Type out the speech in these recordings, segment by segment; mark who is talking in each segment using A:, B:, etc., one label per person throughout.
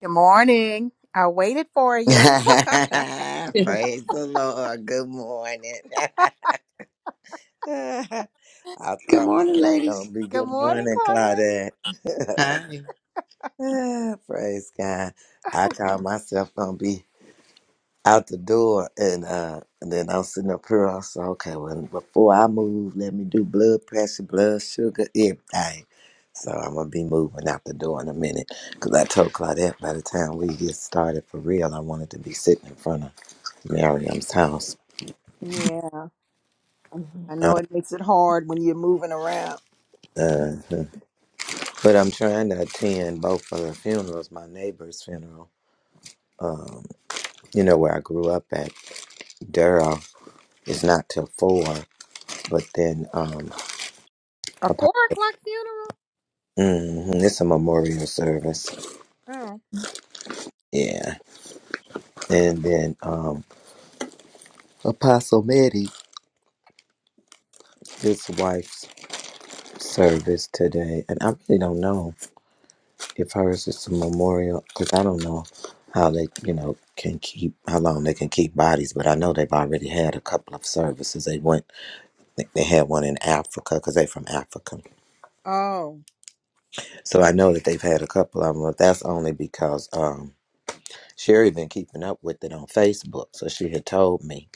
A: Good morning. I waited for
B: Praise
A: you.
C: Yeah.
B: the Lord. Good morning. I
C: Good
B: thought
C: morning,
B: myself gonna
C: ladies.
B: be
A: Good
B: good
A: morning,
B: morning,
A: Claudette.
B: Claudette.
C: Hi.
B: Praise God. I call myself gonna be out the door and uh and then I'm sitting up here I said, okay, well before I move, let me do blood pressure, blood sugar, everything. So I'm gonna be moving out the door in a minute. Cause I told Claudette by the time we get started for real, I wanted to be sitting in front of Miriam's house.
A: Yeah, I
B: Uh,
A: know it makes it hard when you're moving around.
B: uh, but I'm trying to attend both of the funerals. My neighbor's funeral, um, you know, where I grew up at Durrow, is not till four, but then um,
A: A
B: Apo-
A: four o'clock
B: mhm, it's a memorial service.
A: funeral?
B: Yeah. And then um, Apostle Medi, his wife's service today. And I really don't know if hers is a memorial because I don't know how they, you know, can keep, how long they can keep bodies, but I know they've already had a couple of services. They went think they had one in Africa because they from Africa.
A: Oh, Oh,
B: So I know that they've had a couple of them, but that's only because um, Sherry been keeping up with it on Facebook. So she had told me,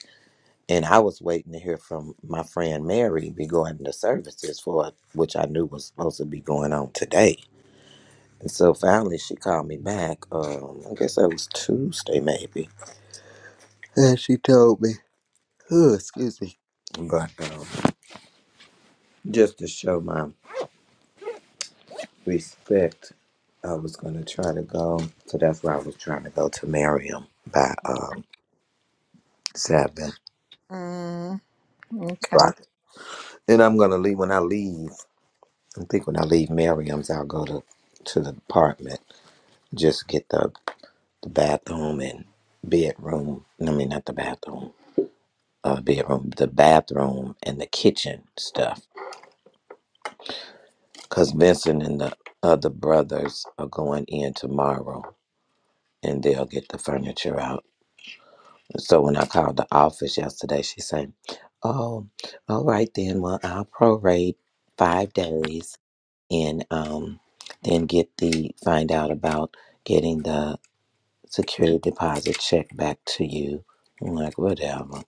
B: and I was waiting to hear from my friend Mary regarding the services for it, which I knew was supposed to be going on today. And so finally she called me back. Um, I guess that was Tuesday maybe, and she told me, oh, excuse me, but um, just to show my respect. I was gonna try to go, so that's why I was trying to go to Miriam by um seven
A: mm, okay.
B: o'clock. And I'm gonna leave when I leave. I think when I leave Miriam's, I'll go to to the apartment just get the, the bathroom and bedroom. I mean, not the bathroom, uh, bedroom, the bathroom and the kitchen stuff. Cause Vincent and the other brothers are going in tomorrow, and they'll get the furniture out So when I called the office yesterday, she said, "Oh, all right then. Well, I'll prorate five days and um, then get the find out about getting the security deposit check back to you." I'm like, whatever.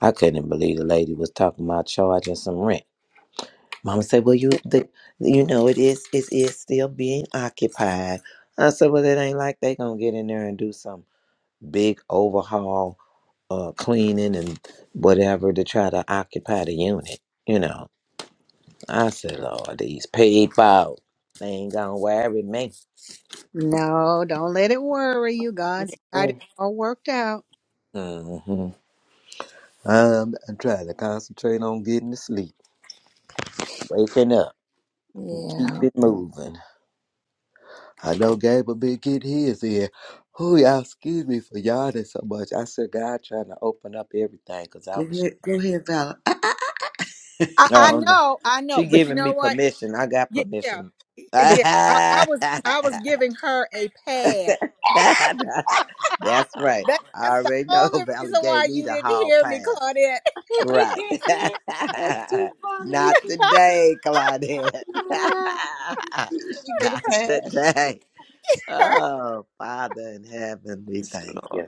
B: I couldn't believe the lady was talking about charging some rent. Mama said, "Well, you the, you know it is it is still being occupied." I said, "Well, it ain't like they gonna get in there and do something." big overhaul, uh, cleaning and whatever to try to occupy the unit. You know, I said, Lord, these paid files, they ain't gonna worry me.
A: no, don't let it worry you. God's got it
C: Mm.
A: all worked out.
B: hmm I'm, I'm trying to concentrate on getting to sleep, waking up, keep
A: Yeah.
B: it moving. I know Gabriel been getting his in. Oh, y'all, excuse me for yawning so much. I said, God, trying to open up everything because I
C: Go
B: was.
C: ahead. Go ahead, Val. Ah, ah.
A: I, I
B: Oh, no.
A: know, I know,
B: She
A: but you
B: giving
A: know
B: me
A: what?
B: permission. I got
A: Yeah, yeah,
B: permission.
A: yeah. I, I was, I was giving her a pad.
B: That's right.
A: That,
B: I
A: that's the
B: already know
A: only
B: Valley
A: reason why
B: gave me
A: you
B: the
A: didn't
B: hall
A: hear me,
B: pass.
A: Claudette.
B: Right.
C: That's too funny.
B: Not today, Claudette.
C: Yeah. She, she get a
B: Not
C: pass. She get a
B: today. Oh, Father in heaven, we
C: pass,
B: thank
C: Lord.
B: you.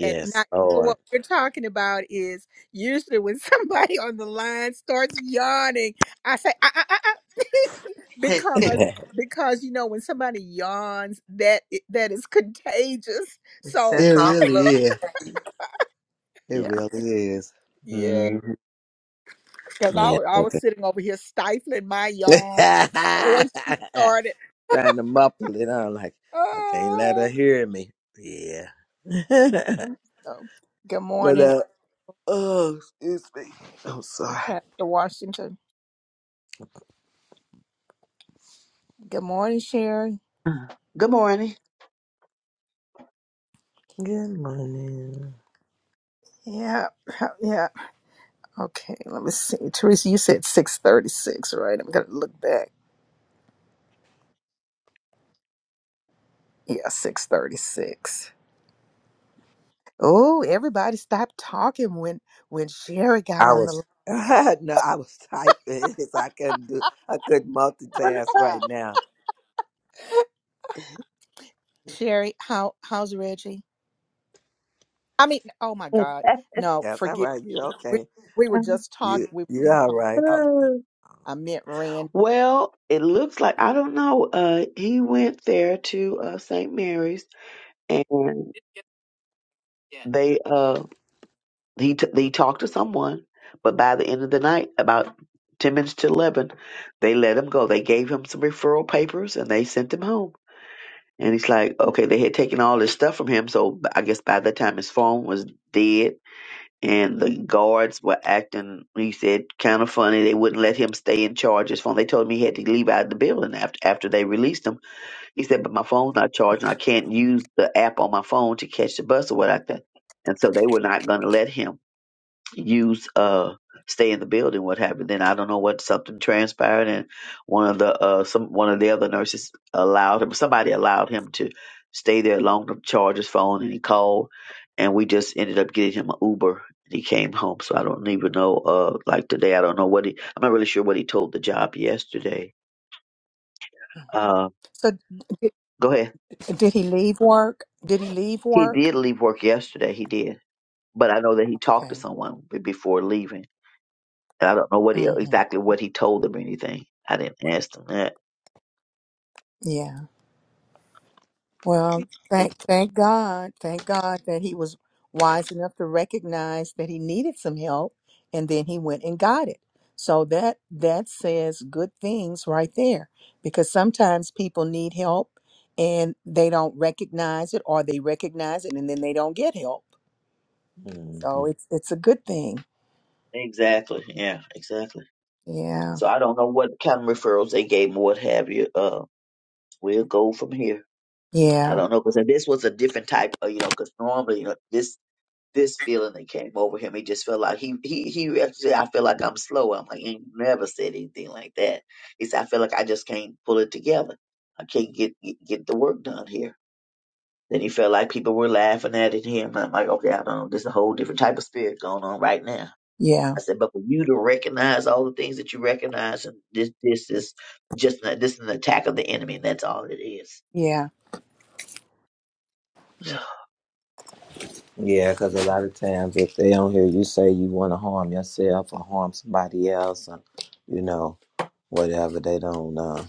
A: And not
B: Lord.
A: what we're talking about is usually when somebody on the line starts yawning, I say, ah, ah, ah, ah," because
C: it
B: it
A: because you know when somebody yawns, that i- that is contagious. So
C: sets off a
B: really
C: little.
B: is. It
C: Yeah.
B: really is.
A: yeah,
B: Mhm.
A: because I,
B: Yeah.
A: wa- I was sitting over here stifling my yawn once she
B: okay.
A: started.
B: trying to muffle it. I'm like, I can't let her
A: Oh,
B: hear me. Yeah.
A: so, good
B: but
A: morning,
B: uh oh excuse me. I'm sorry.
A: Pastor Washington. Good morning, Sherry.
D: Good morning.
B: Good morning.
A: Yeah, yeah. Okay, let me see. Teresa, you said 636, right? I'm going to look back. Yeah, 636. Oh, everybody stopped talking when when Sherry got
B: I
A: on the
B: was no, I was typing so I couldn't do I couldn't
C: Wonder
B: multitask
C: why.
B: right now.
A: li- Sherry, how how's Reggie? I mean, oh my God. No,
B: Yes, all
A: forgive.
B: right, you
A: We
B: okay.
A: we were just talk
B: You
A: we were
B: you
A: just
B: all
A: talking
B: right.
A: about I meant Rand.
D: Well, it looks like I don't know. Uh, he went there to uh, St. Mary's, and they uh he t- they talked to someone, but by the end of the night, about ten minutes to eleven, they let him go. They gave him some referral papers, and they sent him home. And he's like, okay, they had taken all this stuff from him, so I guess by the time his phone was dead, and the guards were acting he said kind of funny they wouldn't let him stay in charge his phone they told him he had to leave out of the building after after they released him he said but my phone's not charging i can't use the app on my phone to catch the bus or what like that and so they were not going to let him use uh stay in the building what happened then i don't know what something transpired and one of the uh some one of the other nurses allowed him somebody allowed him to stay there long to charge his phone and he called and we just ended up getting him an uber and he came home so i don't even know uh like today i don't know what he i'm not really sure what he told the job yesterday uh
A: So did,
D: go ahead
A: did he leave work? Did he leave
D: he
A: work?
D: did leave work yesterday he did but i know that he talked to
A: Okay.
D: someone b- before leaving And I don't know what he,
A: Mhm.
D: exactly what he told them or anything. I didn't ask them that.
A: Well, thank thank God, thank God that he was wise enough to recognize that he needed some help, and then he went and got it. So that that says good things right there, because sometimes people need help and they don't recognize it, or they recognize it and then they don't get help.
B: Mm-hmm.
A: So it's it's a good thing.
D: Exactly. Yeah, exactly.
A: Yeah,
D: So I don't know what kind of referrals they gave him or what have you. Uh, we'll go from here. I
A: yeah,
D: don't know because this was a different type of, you know, because normally, you know, this this feeling that came over him, he just felt like he he he actually said, I feel like I'm slow. I'm like he never said anything like that. He said I feel like I just can't pull it together. I can't get get, get the work done here Then he felt like people were laughing at it him. I'm like, okay, I don't know. There's a whole different type of spirit going on right now.
A: yeah,
D: I said, but for you to recognize all the things that you recognize, and this this is just an, this is an attack of the enemy, and that's all it is.
A: yeah,
D: So,
A: yeah.
B: Yeah, because a lot of times if they don't hear you say you want to harm yourself or harm somebody else, or, you know, whatever, they don't.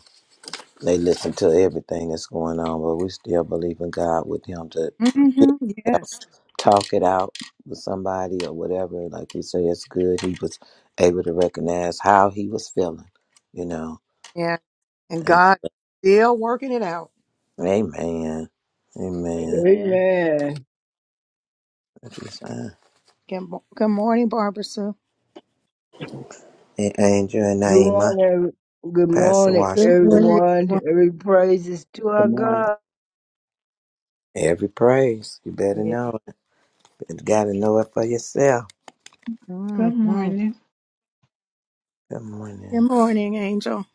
B: They listen to everything that's going on, but we still believe in God with him to
A: hmm Yes,
B: talk it out with somebody or whatever. Like you say, it's good. He was able to recognize how he was feeling, you know.
A: yeah. And
B: And,
A: God still working it out.
B: amen. Amen.
D: amen.
E: Amen.
B: That's what i
A: Good, mo- good morning, Barbara Sue.
B: And Angel and
E: Good
B: Naima,
E: morning, every- good
B: Pastor
E: morning,
B: Washington.
F: Good morning,
E: everyone.
F: everyone.
E: Every praise is to
G: Good
E: our
G: morning.
E: God.
B: Every praise. You better
A: Yeah.
B: know it. You gotta know it for yourself.
A: hmm
H: Good morning.
B: Good
A: Good
B: morning.
A: morning, Angel.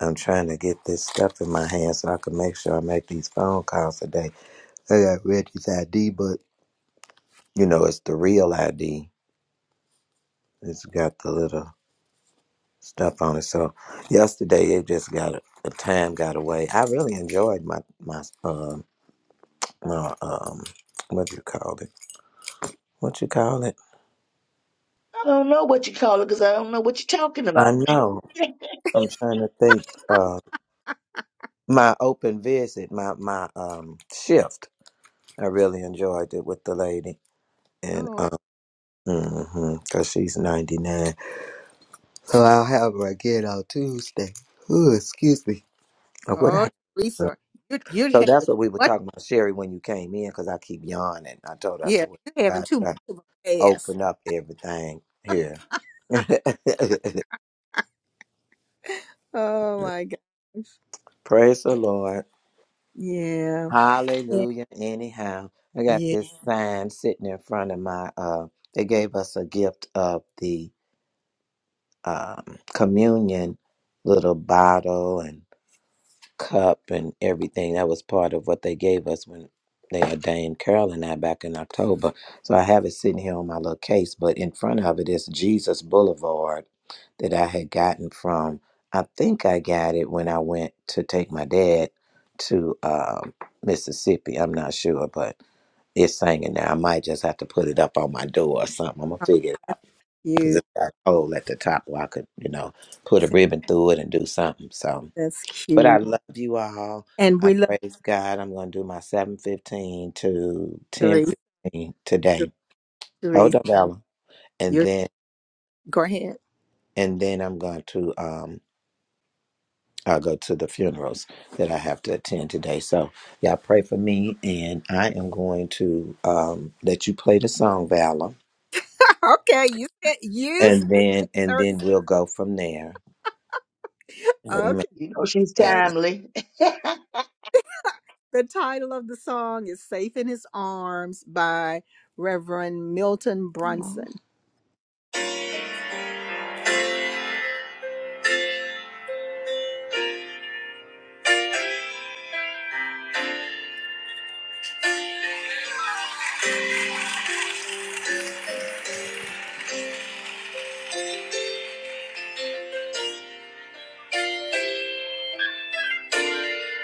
B: I'm trying to get this stuff in my hand so I can make sure I make these phone calls today. Hey, I got Reggie's ID, but you know, it's the real ID. It's got the little stuff on it. So yesterday it just got the time got away. I really enjoyed my my uh, my um what do you call it? What you call it?
D: I don't know what you call it because I don't know what you're talking
B: I
D: about.
B: know. I'm trying to think. Uh, my open visit, my my um shift. I really enjoyed it with the lady, and
A: Oh,
B: um, mm cause she's 99. So I'll have her again on Tuesday. Ooh, excuse me. Or what I
A: oh,
B: would have.
A: Lisa, you're, you're
B: So
A: having
B: that's
A: too
B: what we were
A: much.
B: talking about, Sherry, when you came in, because I keep yawning. I told her, I
A: Yeah,
B: said, well,
A: you're having
B: God,
A: too much
B: trying to
A: of a fast.
B: open up everything here.
A: Oh my God.
B: Praise the Lord.
A: Yeah. Yeah.
B: Hallelujah. Anyhow, I got
A: yeah.
B: this sign sitting in front of my, uh, they gave us a gift of the um, communion little bottle, and. cup and everything. That was part of what they gave us when they ordained Carol and I back in October. So I have it sitting here on my little case, but in front of it is Jesus Boulevard that I had gotten from. I think I got it when I went to take my dad to um, Mississippi. I'm not sure, but it's singing now. I might just have to put it up on my door or something. I'm gonna
A: Oh,
B: figure it out
A: that's
B: because
A: cute.
B: it got a hole at the top where I could, you know, put a ribbon through it and do something. So.
A: That's
B: But I
A: cute.
B: love you all.
A: And
B: I
A: we love
B: praise God. I'm going to do my 7:15 to
A: Therese.
B: 10:15
A: Ther-
B: today. Hold
A: Therese,
B: on, Bella. And
A: you're,
B: then
A: go ahead.
B: and then I'm going to um I'll go to the funerals that I have to attend today. So y'all pray for me, and I am going to um let you play the song, Valor,
A: Okay, you said you
B: and
A: said
B: then and
A: 30.
B: then we'll go from there. Amen.
A: Okay.
D: You know, she's
B: God
A: And
B: bless.
D: timely.
A: the title of the song is Safe in His Arms by Reverend Milton
C: Aw.
A: Brunson.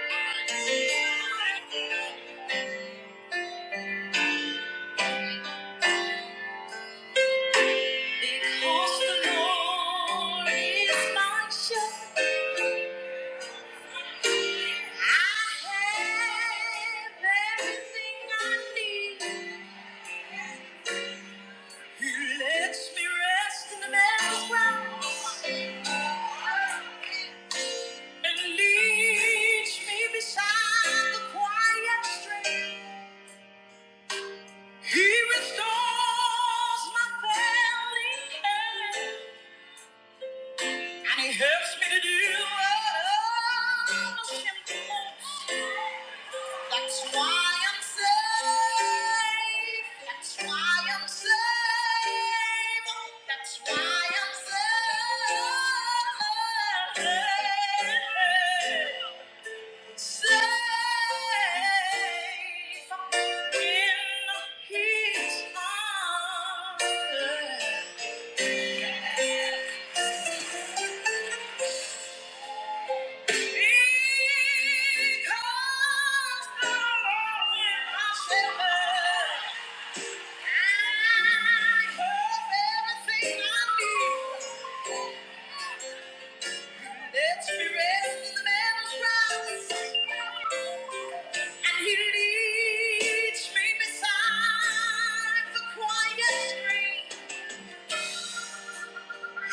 A: Because the Lord is my shepherd, I have everything I need. He lets me rest in the meadows grass and leads me beside the quiet stream. He restores my family, and he helps me to do all the simple. That's why I'm saved. That's why I'm saved. That's why I'm saved. Yeah.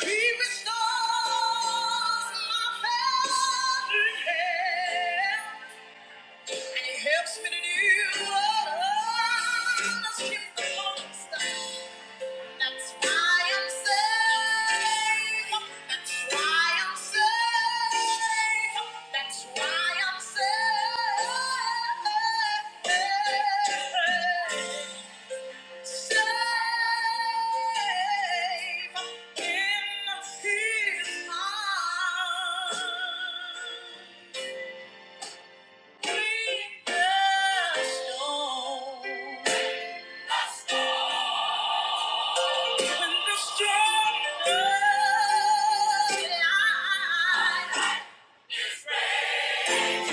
A: He restores my failing health and it helps me to do what I won't stop. That's why I'm safe. That's why I'm safe. That's why I'm safe. Safe in his arms. Even the strongest eyes. He shall, he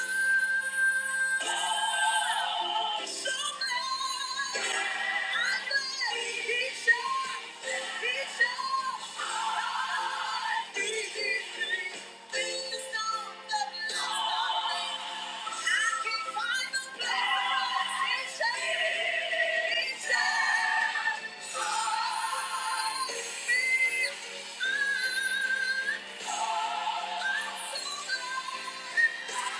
A: shall. Oh! Yeah.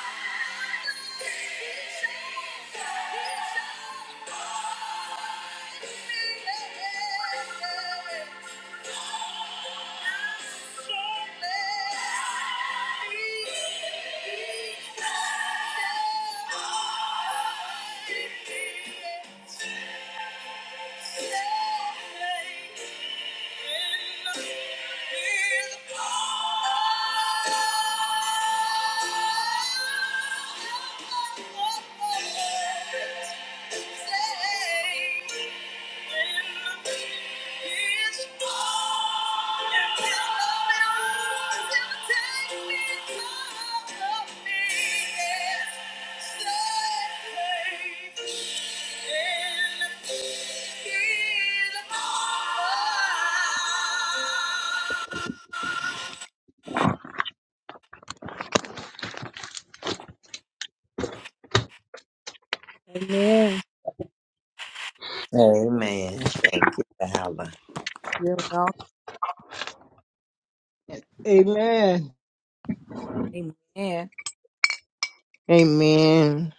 A: Thank you. Amen.
B: Amen. Thank you, Valor.
A: You're welcome.
E: Amen.
A: Amen.
I: Amen.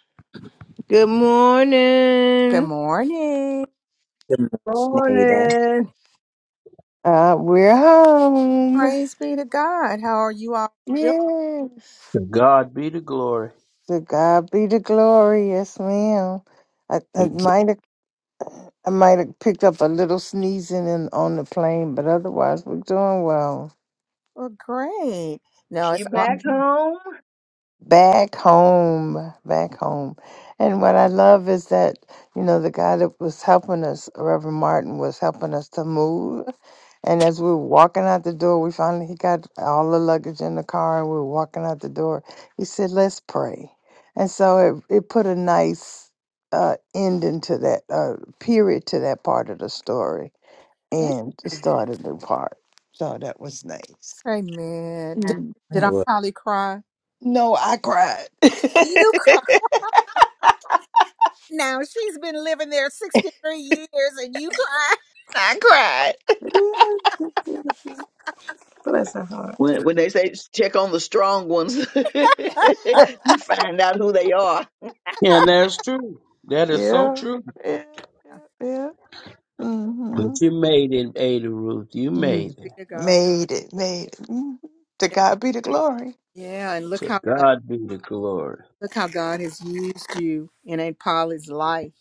I: Good
A: Good
I: morning.
A: morning.
B: Good morning,
E: Morning.
I: Uh, we're home.
A: Praise be to God. How are you all?
I: Yes.
J: To God be the glory.
I: To God be the glory. Yes, ma'am. I, I might have I might have picked up a little sneezing in, on the plane, but otherwise we're doing well.
A: well, great. No,
D: you
A: it's all
D: back home?
I: back home, back home. And what I love is that, you know, the guy that was helping us, Reverend Martin, was helping us to move. And as we were walking out the door, we finally he got all the luggage in the car and we were walking out the door. He said, Let's pray. And so it, it put a nice uh, ending to that uh, period to that part of the story and to
C: It
I: start a new part. So that was nice.
A: amen. Did,
I: Mm.
A: did I
B: Ada.
A: probably cry?
I: No, I
A: You
I: cried.
A: now. She's been living there 63 years and you cry.
I: I
C: is. Bless her heart.
D: When when they say check on the strong ones,
I: cried.
D: you find out who they are.
J: And that's true. That is so
I: Yeah,
J: true.
I: yeah,
A: Yeah,
I: yeah, yeah. Mm-hmm.
J: But you made it, Ada Ruth. You
I: Yeah.
J: made
A: Be
J: it.
A: God.
I: Made it, made it. hmm To God be the glory.
A: Yeah, and look
J: To
A: how
J: God be the glory.
A: uh, look how God has used you in Aunt Polly's life.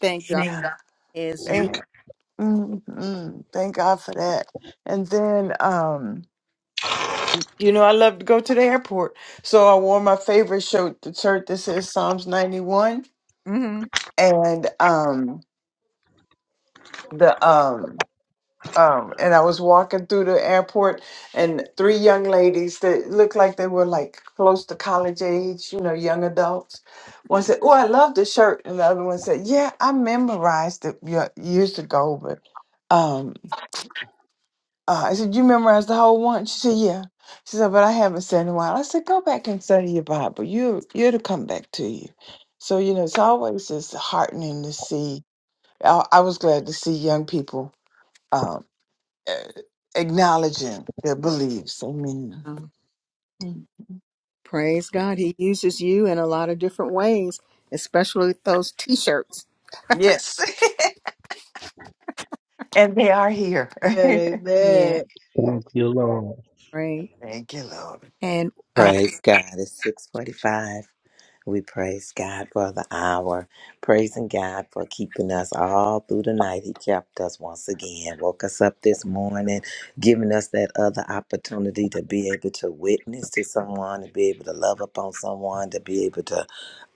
A: Thank
I: Thank
A: God
I: Yeah. God.
A: as you.
I: Thank, mm-hmm. Thank God for that. And then, um, you know, I love to go to the airport, so I wore my favorite shirt, the shirt that says Psalms ninety one,
A: hmm
I: and um, the um. um and i was walking through the airport and three young ladies that looked like they were like close to college age you know young adults one said oh i love the shirt and the other one said yeah i memorized it ye- years ago but um uh, i said you memorized the whole one she said yeah she said but i haven't said in a while i said go back and study your bible you it'll come back to you so you know it's always just heartening to see i, I was glad to see young people um, uh, acknowledging their beliefs. Amen.
A: Uh,
I: Mm.
A: Praise God, He uses you in a lot of different ways, especially with those T-shirts.
I: Yes. and they are here.
E: And
A: Yeah,
E: Amen.
J: Thank you, Lord.
A: right.
I: Thank you, Lord.
A: And um,
B: Praise God. It's 645. We praise God for the hour. Praising God for keeping us all through the night. He kept us once again, woke us up this morning, giving us that other opportunity to be able to witness to someone, to be able to love upon someone, to be able to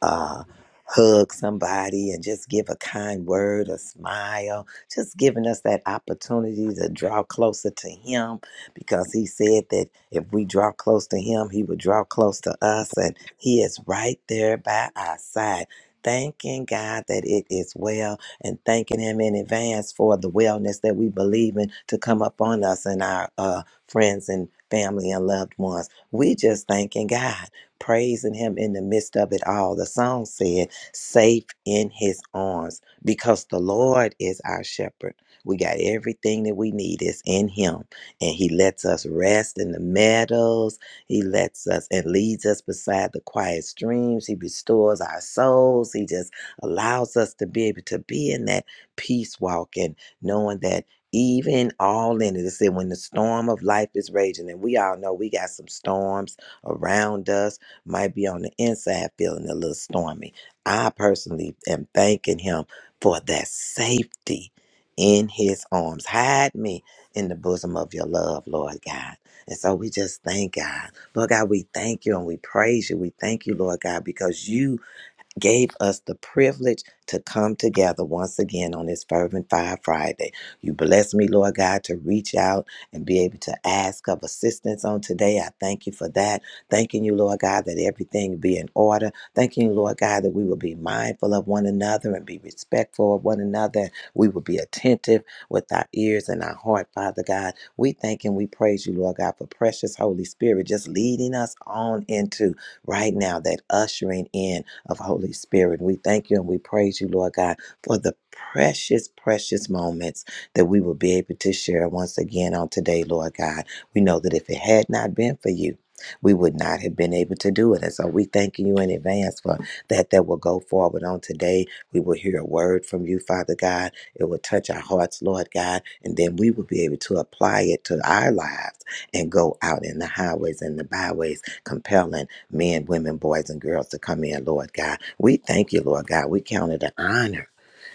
B: uh, hug somebody and just give a kind word, a smile, just giving us that opportunity to draw closer to Him because he said that if we draw close to him, he would draw close to us, and he is right there by our side. Thanking God that it is well and thanking Him in advance for the wellness that we believe in to come upon us and our uh, friends and family and loved ones. We just thanking God, praising Him in the midst of it all. The song said, Safe in His arms, because the Lord is our shepherd. We got everything that we need is in Him and he lets us rest in the meadows. He lets us and leads us beside the quiet streams. He restores our souls. He just allows us to be able to be in that peace walk and knowing that even all in it, it said when the storm of life is raging, and we all know we got some storms around us, might be on the inside feeling a little stormy. I personally am thanking him for that safety in his arms. Hide me in the bosom of your love, Lord God. And so we just thank God. Lord God, we thank you and we praise you. We thank you, Lord God, because you gave us the privilege to come together once again on this Fervent Fire Friday. You bless me, Lord God, to reach out and be able to ask of assistance on today. I thank you for that. Thanking you, Lord God, that everything be in order. Thanking you, Lord God, that we will be mindful of one another and be respectful of one another. We will be attentive with our ears and our heart, Father God. We thank and we praise you, Lord God, for precious Holy Spirit just leading us on into right now, that ushering in of Holy Spirit. We thank you and we praise you, Lord God, for the precious, precious moments that we will be able to share once again on today, Lord God. We know that if it had not been for you, we would not have been able to do it. And so we thank you in advance for that that will go forward on today. We will hear a word from you, Father God. It will touch our hearts, Lord God, and then we will be able to apply it to our lives and go out in the highways and the byways, compelling men, women, boys, and girls to come in, Lord God. We thank you, Lord God. We count it an honor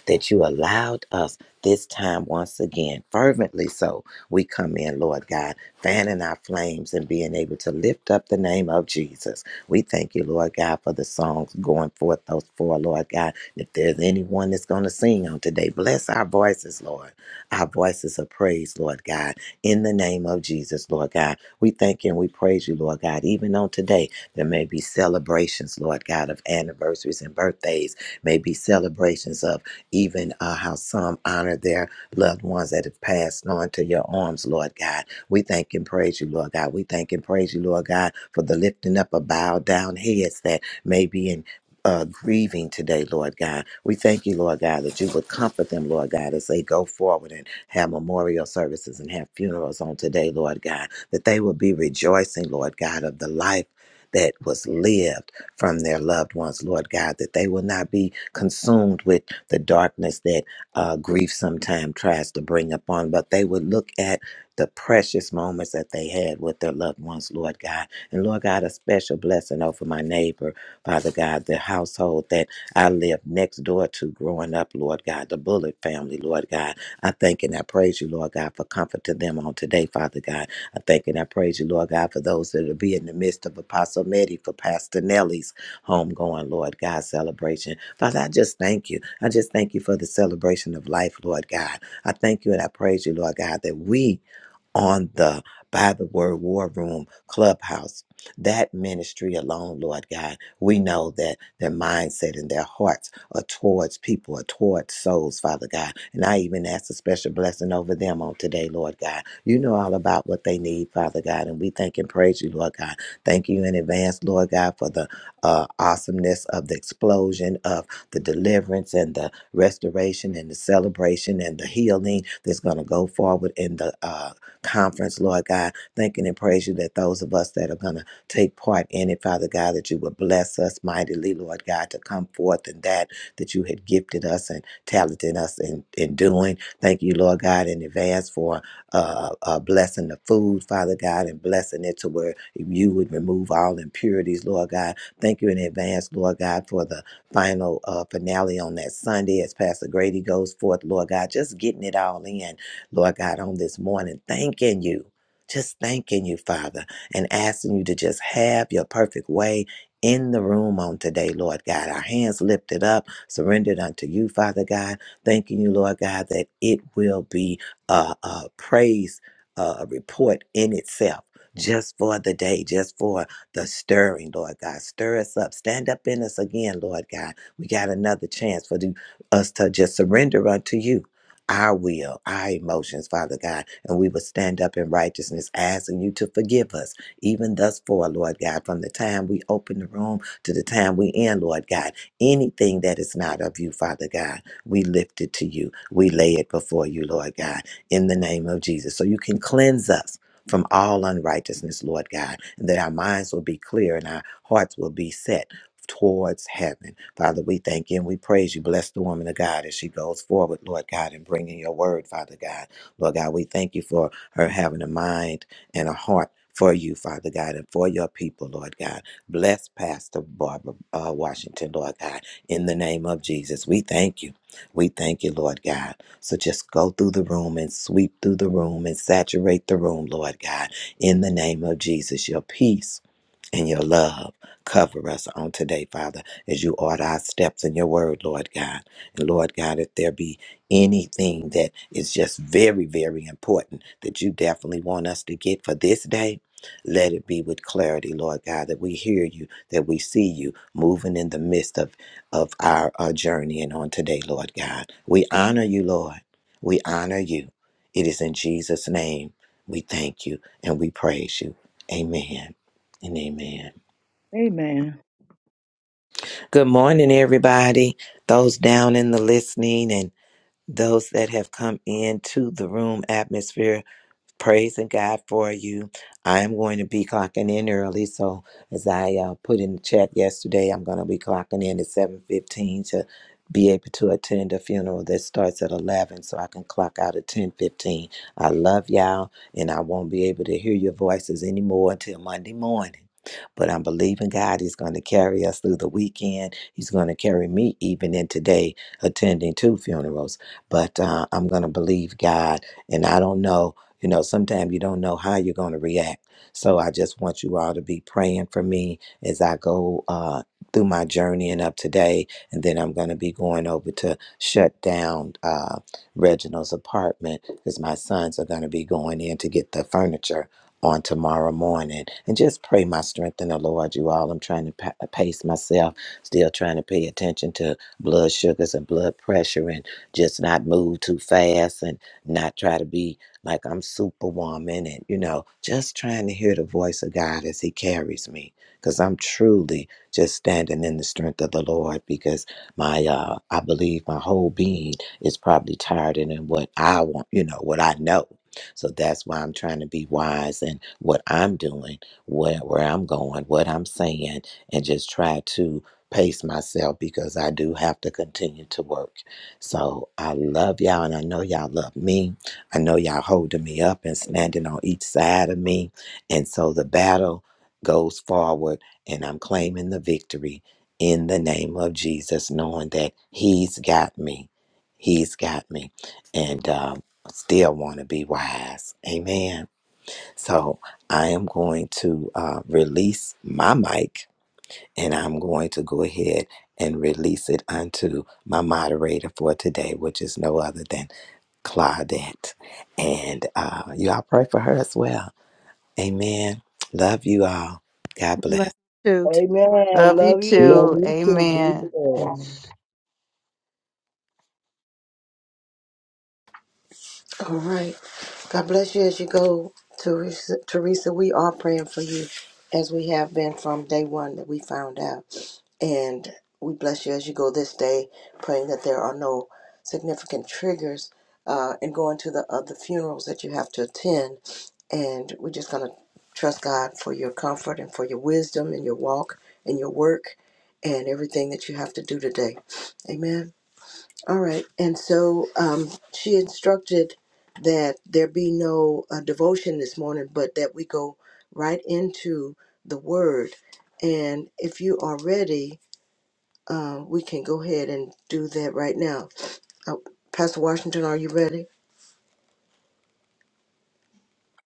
B: that you allowed us this time once again, fervently so. We come in, Lord God, fanning our flames and being able to lift up the name of Jesus. We thank you, Lord God, for the songs going forth, those four, Lord God. If there's anyone that's going to sing on today, bless our voices, Lord. Our voices of praise, Lord God, in the name of Jesus, Lord God. We thank you and we praise you, Lord God. Even on today, there may be celebrations, Lord God, of anniversaries and birthdays, may be celebrations of even uh, how some honor their loved ones that have passed on to your arms, Lord God. We thank and praise you, Lord God. We thank and praise you, Lord God, for the lifting up of bowed down heads that may be in. Uh, grieving today, Lord God. We thank you, Lord God, that you would comfort them, Lord God, as they go forward and have memorial services and have funerals on today, Lord God, that they will be rejoicing, Lord God, of the life that was lived from their loved ones, Lord God, that they will not be consumed with the darkness that uh, grief sometimes tries to bring upon. But they would look at the precious moments that they had with their loved ones, Lord God. And Lord God, a special blessing over my neighbor, Father God, the household that I lived next door to growing up, Lord God, the Bullet family, Lord God. I thank and I praise you, Lord God, for comforting them on today, Father God. I thank and I praise you, Lord God, for those that will be in the midst of Apostle Medi, for Pastor Nelly, homegoing, Lord God, celebration. Father, I just thank you. I just thank you for the celebration of life, Lord God. I thank you and I praise you, Lord God, that we on the by the word war room clubhouse that ministry alone lord god we know that their mindset and their hearts are towards people are towards souls father god and i even ask a special blessing over them on today lord god you know all about what they need father god and we thank and praise you lord god thank you in advance lord god for the uh, awesomeness of the explosion of the deliverance and the restoration and the celebration and the healing that's going to go forward in the uh, conference, Lord God. Thanking and praise you that those of us that are going to take part in it, Father God, that you would bless us mightily, Lord God, to come forth in that that you had gifted us and talented us in, in doing. Thank you, Lord God, in advance for uh, uh, blessing the food, Father God, and blessing it to where you would remove all impurities, Lord God. Thank you in advance, Lord God, for the final uh, finale on that Sunday as Pastor Grady goes forth, Lord God, just getting it all in. Lord God, on this morning, thanking you. Just thanking you, Father, and asking you to just have your perfect way in the room on today, Lord God. Our hands lifted up, surrendered unto you, Father God. Thanking you, Lord God, that it will be a, a praise, uh, a report in itself. Just for the day, just for the stirring, Lord God. Stir us up. Stand up in us again, Lord God. We got another chance for the, us to just surrender unto you our will, our emotions, Father God, and we will stand up in righteousness, asking you to forgive us, even thus far, Lord God, from the time we open the room to the time we end, Lord God. Anything that is not of you, Father God, we lift it to you. We lay it before you, Lord God, in the name of Jesus. So you can cleanse us. From all unrighteousness, Lord God, and that our minds will be clear and our hearts will be set towards heaven. Father, we thank you and we praise you. Bless the woman of God as she goes forward, Lord God, in bringing your word, Father God. Lord God, we thank you for her having a mind and a heart. For you, Father God, and for your people, Lord God. Bless Pastor Barbara uh, Washington, Lord God, in the name of Jesus. We thank you. We thank you, Lord God. So just go through the room and sweep through the room and saturate the room, Lord God, in the name of Jesus. Your peace and your love. Cover us on today, Father, as you order our steps in your word, Lord God. And Lord God, if there be anything that is just very, very important that you definitely want us to get for this day, let it be with clarity, Lord God, that we hear you, that we see you moving in the midst of, of our, our journey and on today, Lord God. We honor you, Lord. We honor you. It is in Jesus' name we thank you and we praise you. Amen. And amen.
D: Amen.
B: Good morning, everybody. Those down in the listening and those that have come into the room atmosphere. praising God for you. I am going to be clocking in early, so as I uh, put in the chat yesterday, I'm going to be clocking in at 7:15 to be able to attend a funeral that starts at 11, so I can clock out at 10:15. I love y'all, and I won't be able to hear your voices anymore until Monday morning. But I'm believing God is going to carry us through the weekend. He's going to carry me even in today, attending two funerals. But uh, I'm going to believe God, and I don't know you know, sometimes you don't know how you're going to react. So I just want you all to be praying for me as I go uh, through my journey and up today. And then I'm going to be going over to shut down uh, Reginald's apartment because my sons are going to be going in to get the furniture on tomorrow morning. And just pray my strength in the Lord, you all. I'm trying to pa- pace myself, still trying to pay attention to blood sugars and blood pressure and just not move too fast and not try to be like I'm superwoman and, you know, just trying to hear the voice of God as He carries me. Because I'm truly just standing in the strength of the Lord because my, uh, I believe my whole being is probably tired and in what I want, you know, what I know. So that's why I'm trying to be wise in what I'm doing, where, where I'm going, what I'm saying, and just try to pace myself because I do have to continue to work. So I love y'all and I know y'all love me. I know y'all holding me up and standing on each side of me. And so the battle goes forward, and I'm claiming the victory in the name of Jesus, knowing that He's got me. He's got me. And um, still want to be wise. Amen. So I am going to uh, release my mic and I'm going to go ahead and release it unto my moderator for today, which is no other than Claudette. And uh, you all pray for her as well. Amen. Love you all. God
A: we love
B: bless.
A: you too. T-
E: Amen.
I: Love you
E: Love
J: Love
I: too.
E: you.
J: you too. Be
I: Amen.
J: blessed.
I: Amen.
C: All right. God bless you as you go, Teresa. Teresa, we are praying for you as we have been from day one that we found out. And we bless you as you go this day, praying that there are no significant triggers uh, in going to the other funerals that you have to attend. And we're just going to trust God for your comfort and for your wisdom and your walk and your work and everything that you have to do today. Amen. All right. And so um, she instructed that there be no uh, devotion this morning, but that we go right into the word. And if you are ready, uh, we can go ahead and do that right now. Uh, Pastor Washington, are you ready?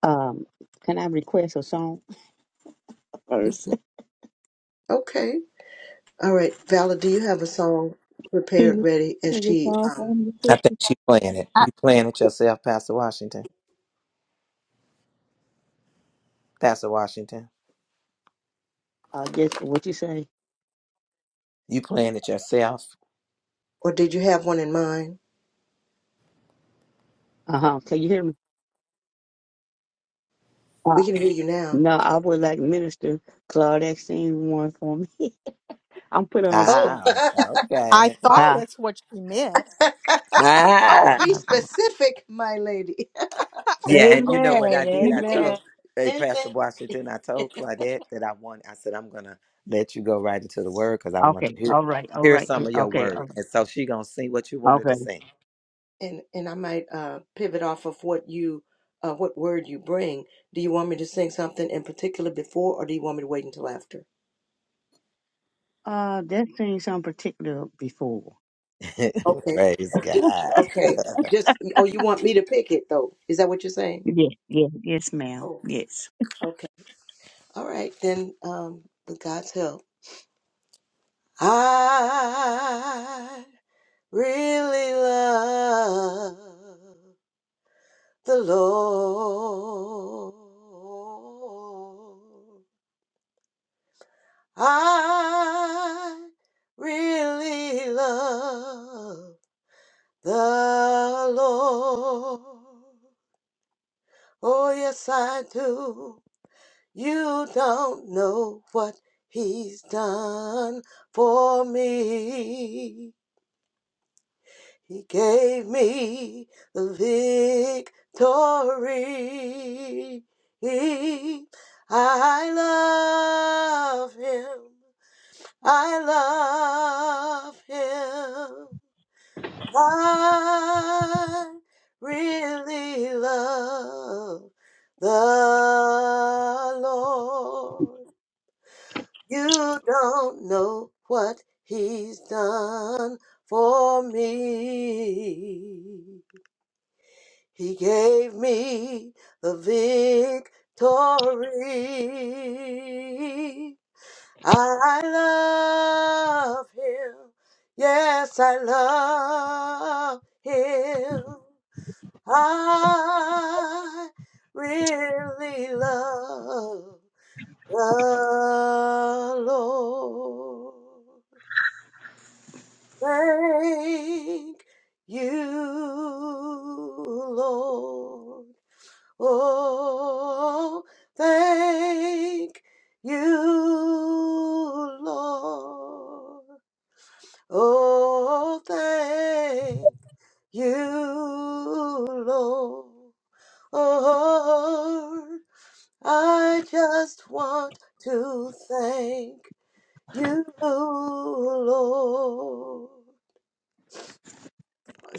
G: Um, can I request a song first?
C: Okay. All right. Valid, do you have a song
G: Can
C: prepared,
G: you
C: ready? And
G: sing a
C: she,
G: song for
C: um,
G: me
B: I
G: too?
B: think she playing it. You
A: I,
B: playing it yourself, Pastor Washington. Pastor Washington.
G: Uh, yes, what you say?
B: You playing it yourself.
C: or did you have one in mind?
G: Uh huh. Can you hear me? Uh,
C: We can hear you now.
G: no, I would like Minister Claudette sing one for me. I'm put on the
C: Oh.
G: spot.
B: Ah,
A: I
B: okay.
A: thought
C: oh,
G: Huh?
A: that's what you meant.
C: Oh,
B: Ah.
C: be
G: am going.
C: specific, my lady.
B: Yeah, and you know
C: Okay.
B: what I
E: Amen.
C: Any,
B: did? I
C: any,
E: Amen.
B: told hey, Pastor
C: anything?
B: Washington, I told Claudette that I want I said I'm gonna let you go right into the word because I want to
G: Okay.
B: hear
G: All right. All
B: hear
G: right. yeah,
B: some of your
G: Okay. all
B: word. And so she gonna sing what you
G: right,
B: wanted to
G: Okay.
B: sing.
C: and and I might uh, pivot off of what you, uh, what word you bring. Do you want me to sing something in particular before, or do you want me to wait until after?
G: Uh, that sing something particular before.
C: Okay.
B: Praise
C: Do,
B: God.
C: okay. Just oh, you want me to pick it though? Is that what you're saying?
G: Yes. Yes. Yes, ma'am.
C: Oh.
G: Yes.
C: Okay. All right then. Um, with God's help, I really love. the Lord. I really love the Lord. Oh, yes, I do. You don't know what He's done for me. He gave me the victory. I love him. I love him. I really love the Lord. You don't know what he's done for me. He gave me the victory. I love him. Yes, I love him. I really love the Lord. Thank you, Lord. Oh, thank you, Lord. Oh, thank you, Lord. Oh, I just want to thank you, Lord.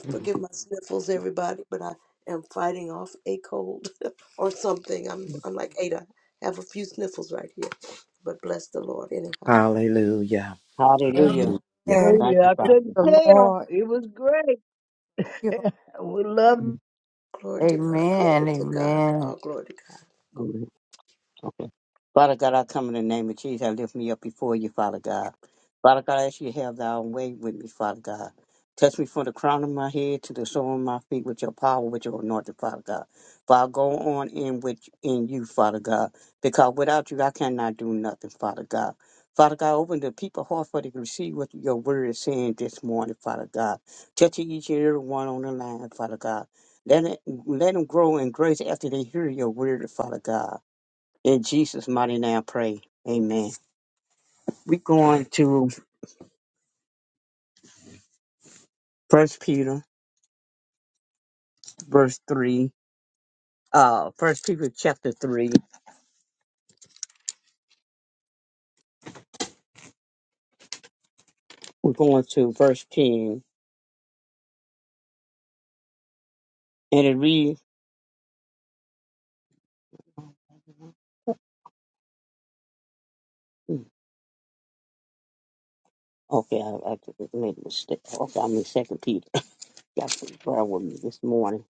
C: Forgive my sniffles, everybody, but I am fighting off a cold or something. I'm I'm like Ada, I have a few sniffles right here, but bless the Lord anyhow.
B: Hallelujah.
G: Hallelujah.
A: Um,
B: yeah.
A: Amen.
G: Thank
E: Hallelujah. I
A: Praise
E: couldn't
A: the
G: you,
E: tell.
A: Lord.
E: It was great.
A: You know,
E: we love you.
G: Father.
C: Glory to God. Glory
I: Amen.
C: to God.
I: Amen.
C: All glory to God. Go-
G: Okay. Father God, I come in the name of Jesus. I lift me up before you, Father God. Father God, I ask you to have thy own way with me, Father God. Touch me from the crown of my head to the sole of my feet with your power, with your anointing, Father God. For I go on in with in you, Father God, because without you I cannot do nothing, Father God. Father God, open the people's heart for they can receive what your word is saying this morning, Father God. Touch each and every one on the line, Father God. Let it let them grow in grace after they hear your word, Father God. In Jesus' mighty name, I pray. Amen. We're going to First Peter, verse three. Uh, First Peter chapter three. We're going to verse ten, and it reads. Okay, I, I made a mistake. Okay, I'm in Second Peter. Got some prayer with me this morning.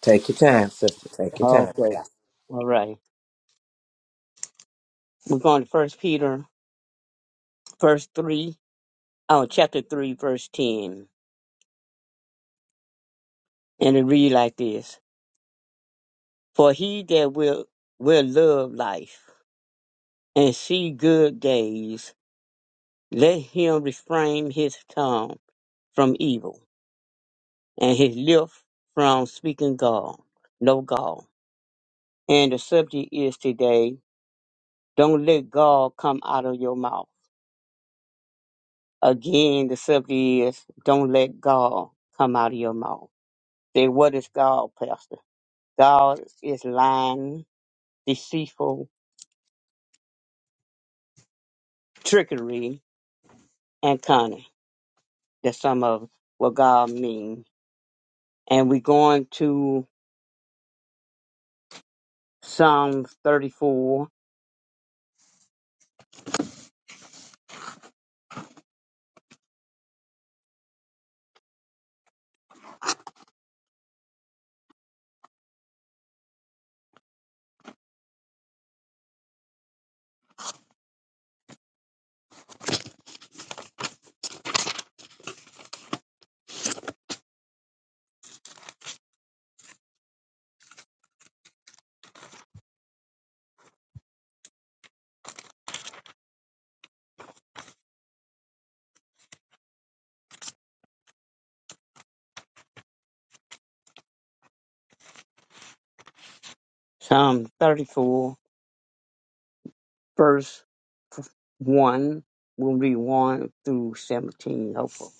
B: Take your time, sister. Take your
G: Okay,
B: time,
G: all
B: Pastor.
G: right. We're going to First Peter, verse three. Oh, chapter three, verse ten, and it reads like this: For he that will will love life and see good days Let him refrain his tongue from evil, and his lips from speaking gall, no gall. And the subject is today, don't let gall come out of your mouth. Again, the subject is, don't let gall come out of your mouth. Then what is gall, Pastor? Gall is lying, deceitful, trickery, and cunning. That's some of what gall means. And we're going to Psalms 34 Psalm 34, verse 1 will be 1 through 17. Hopeful.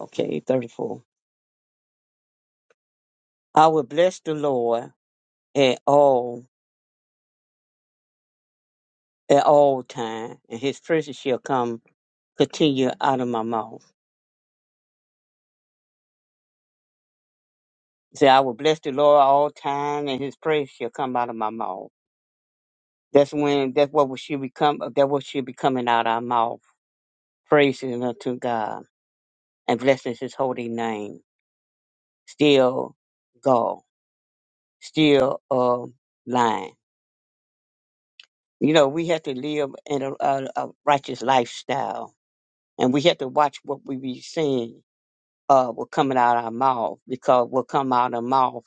G: Okay, 34. I will bless the Lord at all at all time, and his praises shall come continue out of my mouth. Say, I will bless the Lord all time, and his praise shall come out of my mouth. That's when that's what we should become that what should be coming out of our mouth. Praises unto God and blessings his holy name. Still God. Still uh lying. You know, we have to live in a, a, a righteous lifestyle, and we have to watch what we be saying, uh, what coming out of our mouth, because what come out of our mouth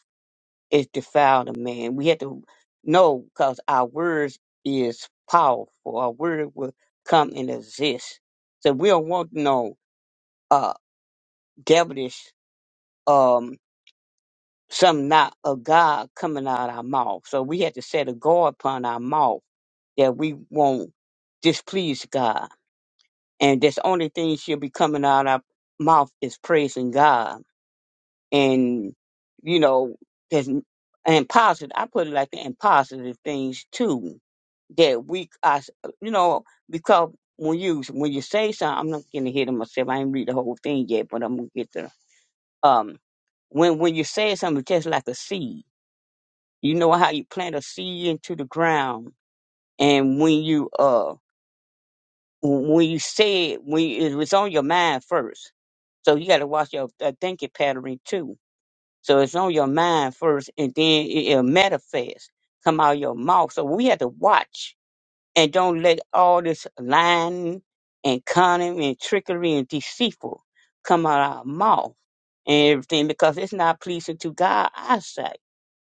G: is defile the man. We have to know, because our words is powerful. Our word will come and exist. So we don't want no uh devilish um some not of God coming out of our mouth. So we have to set a guard upon our mouth that we won't displease God And that's the only thing she'll be coming out our mouth is praising God. And, you know, there's, and positive, I put it like that, and positive things too. That we, I, you know, because when you, when you say something, I'm not going to hear it myself. I ain't read the whole thing yet, but I'm going to get to, um, when, when you say something, it's just like a seed. You know how you plant a seed into the ground. And when you, uh, when you say it, when it was on your mind first. So you got to watch your uh, thinking pattern too. So it's on your mind first, and then it, it'll manifest, come out your mouth. So we have to watch and don't let all this lying and cunning and trickery and deceitful come out our mouth and everything because it's not pleasing to God eyesight.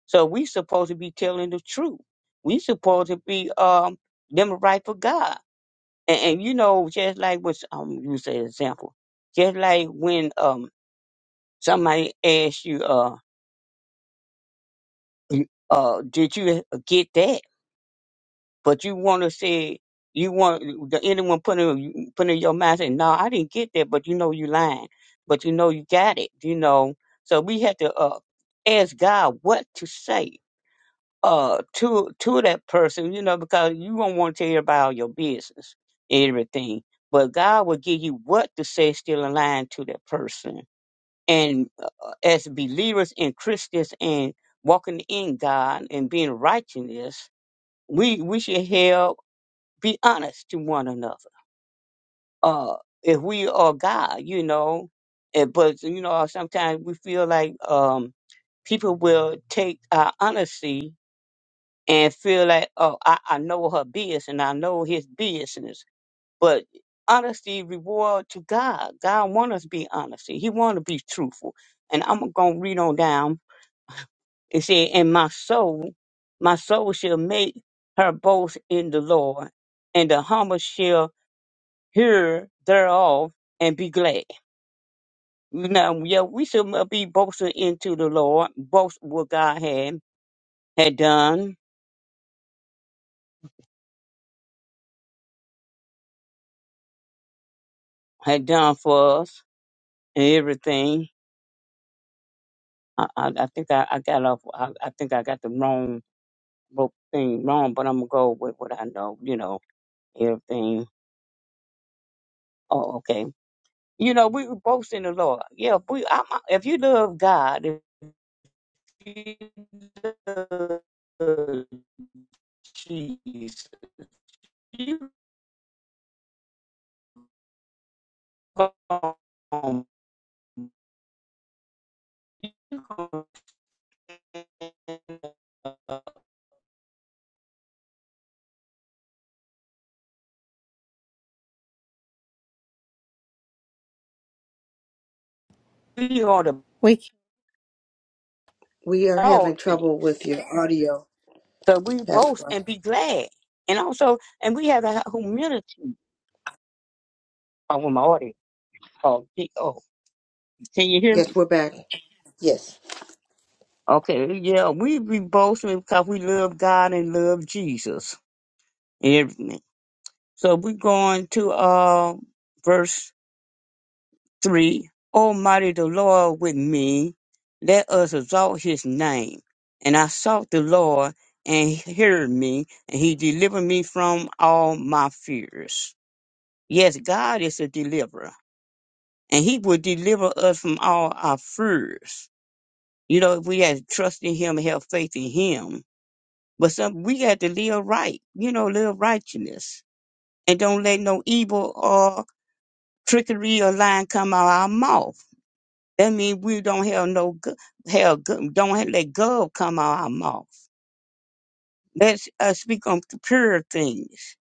G: So we supposed to be telling the truth. We supposed to be um them right for God. And, and you know, just like what um you said, example, just like when um somebody asks you, uh, you- uh, did you get that? But you want to say you want the anyone put in you- put in your mind saying, no, I didn't get that, but you know you lying, but you know you got it, you know. So we have to uh ask God what to say uh to to that person, you know, because you don't want to tell everybody all your business, everything. But God will give you what to say, still aligned to that person. And uh, uh, as believers and Christians and walking in God and being righteousness, we we should help be honest to one another. Uh, if we are God, you know, eh, but you know sometimes we feel like um people will take our honesty and feel like, oh, I, I know her business and I know his business. But honesty reward to God. God want us to be honest. He want to be truthful. And I'm gonna read on down. It said, "And my soul, my soul shall make her boast in the Lord, and the humble shall hear thereof and be glad." Now, yeah, we should be boasting into the Lord, boast what God had had done, had done for us, and everything I, I, I think I, I got off. I, I think I got the wrong wrote thing wrong, but I'm gonna go with what I know. You know everything. Oh, okay. You know we were both in the Lord. Yeah, we. I, I- if you love God, if you love Jesus, you gonna you gonna be on the
A: we
C: We are having
G: all things.
C: trouble with your audio,
G: So we
C: Pastor.
G: both
C: Ross.
G: and be glad, and also and we have a humility. I'm with my audience. Oh, he- oh, can you hear
C: Yes,
G: me?
C: we're back. Yes.
G: Okay, yeah, we be boasting because we love God and love Jesus and everything. So we're going to uh, verse 3. Almighty the Lord with me, let us exalt his name. And I sought the Lord and he heard me, and he delivered me from all my fears. Yes, God is a deliverer, and he will deliver us from all our fears. You know, if we had trust in him and have faith in him. But some we got to live right, you know, live righteousness. And don't let no evil or trickery or lying come out our mouth. That means we don't have no gu- have gu- don't have, let gov come out our mouth. Let's uh, speak on the pure things,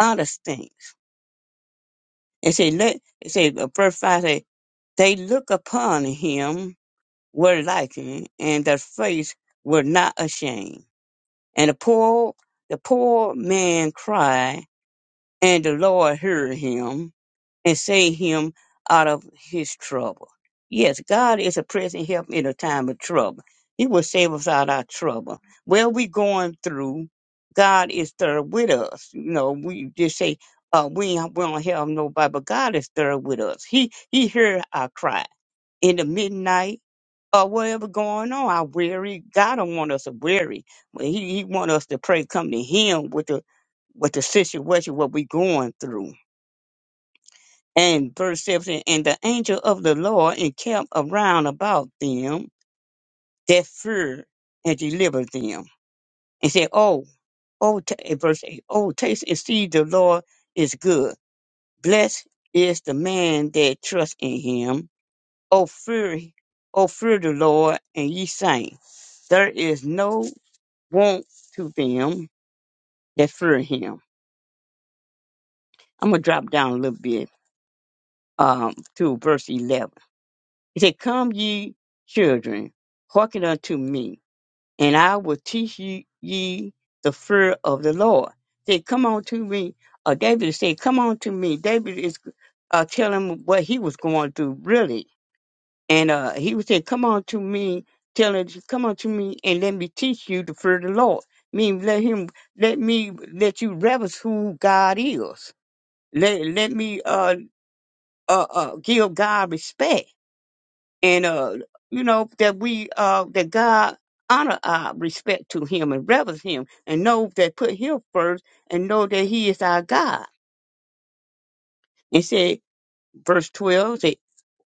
G: honest things. And say let it say uh, verse five say they look upon him were liking, and their face were not ashamed. And the poor, the poor man cried, and the Lord heard him and saved him out of his trouble. Yes, God is a present help in a time of trouble. He will save us out of our trouble. Where we going through, God is there with us. You know, we just say, uh, we, ain't- we don't have nobody, but God is there with us. He, he heard our cry in the midnight or whatever going on. I weary. God don't want us to weary. Well, He He want us to pray, come to Him with the with the situation what we going through. And verse seventeen, and the angel of the Lord encamped around about them that fear and delivered them. And said, Oh, oh, ta- eh, verse eight, oh, taste and see the Lord is good. Blessed is the man that trusts in Him. Oh, fear, oh, fear the Lord, and ye saints. There is no want to them that fear him. I'm going to drop down a little bit um, to verse 11. He said, Come ye children, hearken unto me, and I will teach ye, ye the fear of the Lord. He said, Come on to me. Uh, David said, Come on to me. David is uh, telling him what he was going through, really And uh, he would say, Come on to me, tell her, come on to me and let me teach you to fear the Lord. Mean let him let me let you reverence who God is. Let let me uh uh, uh give God respect and uh you know that we uh that God honor our respect to him and reverence him and know that put him first and know that he is our God. And said verse twelve say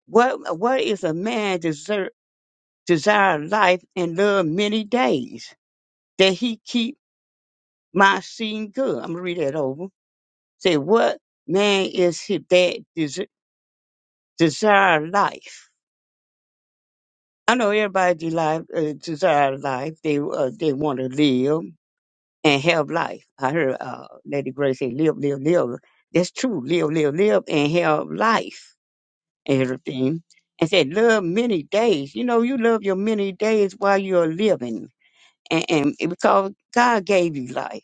G: what what is a man deserve? desire life and love many days, that he keep my seeing good. I'm gonna read that over. Say, what man is he that des- desire life? I know everybody life, uh, desire life. They uh, they want to live and have life. I heard uh, Lady Grace say, live, live, live. That's true. Live, live, live, and have life and everything. And said, love many days. You know, you love your many days while you're living, and, and because God gave you life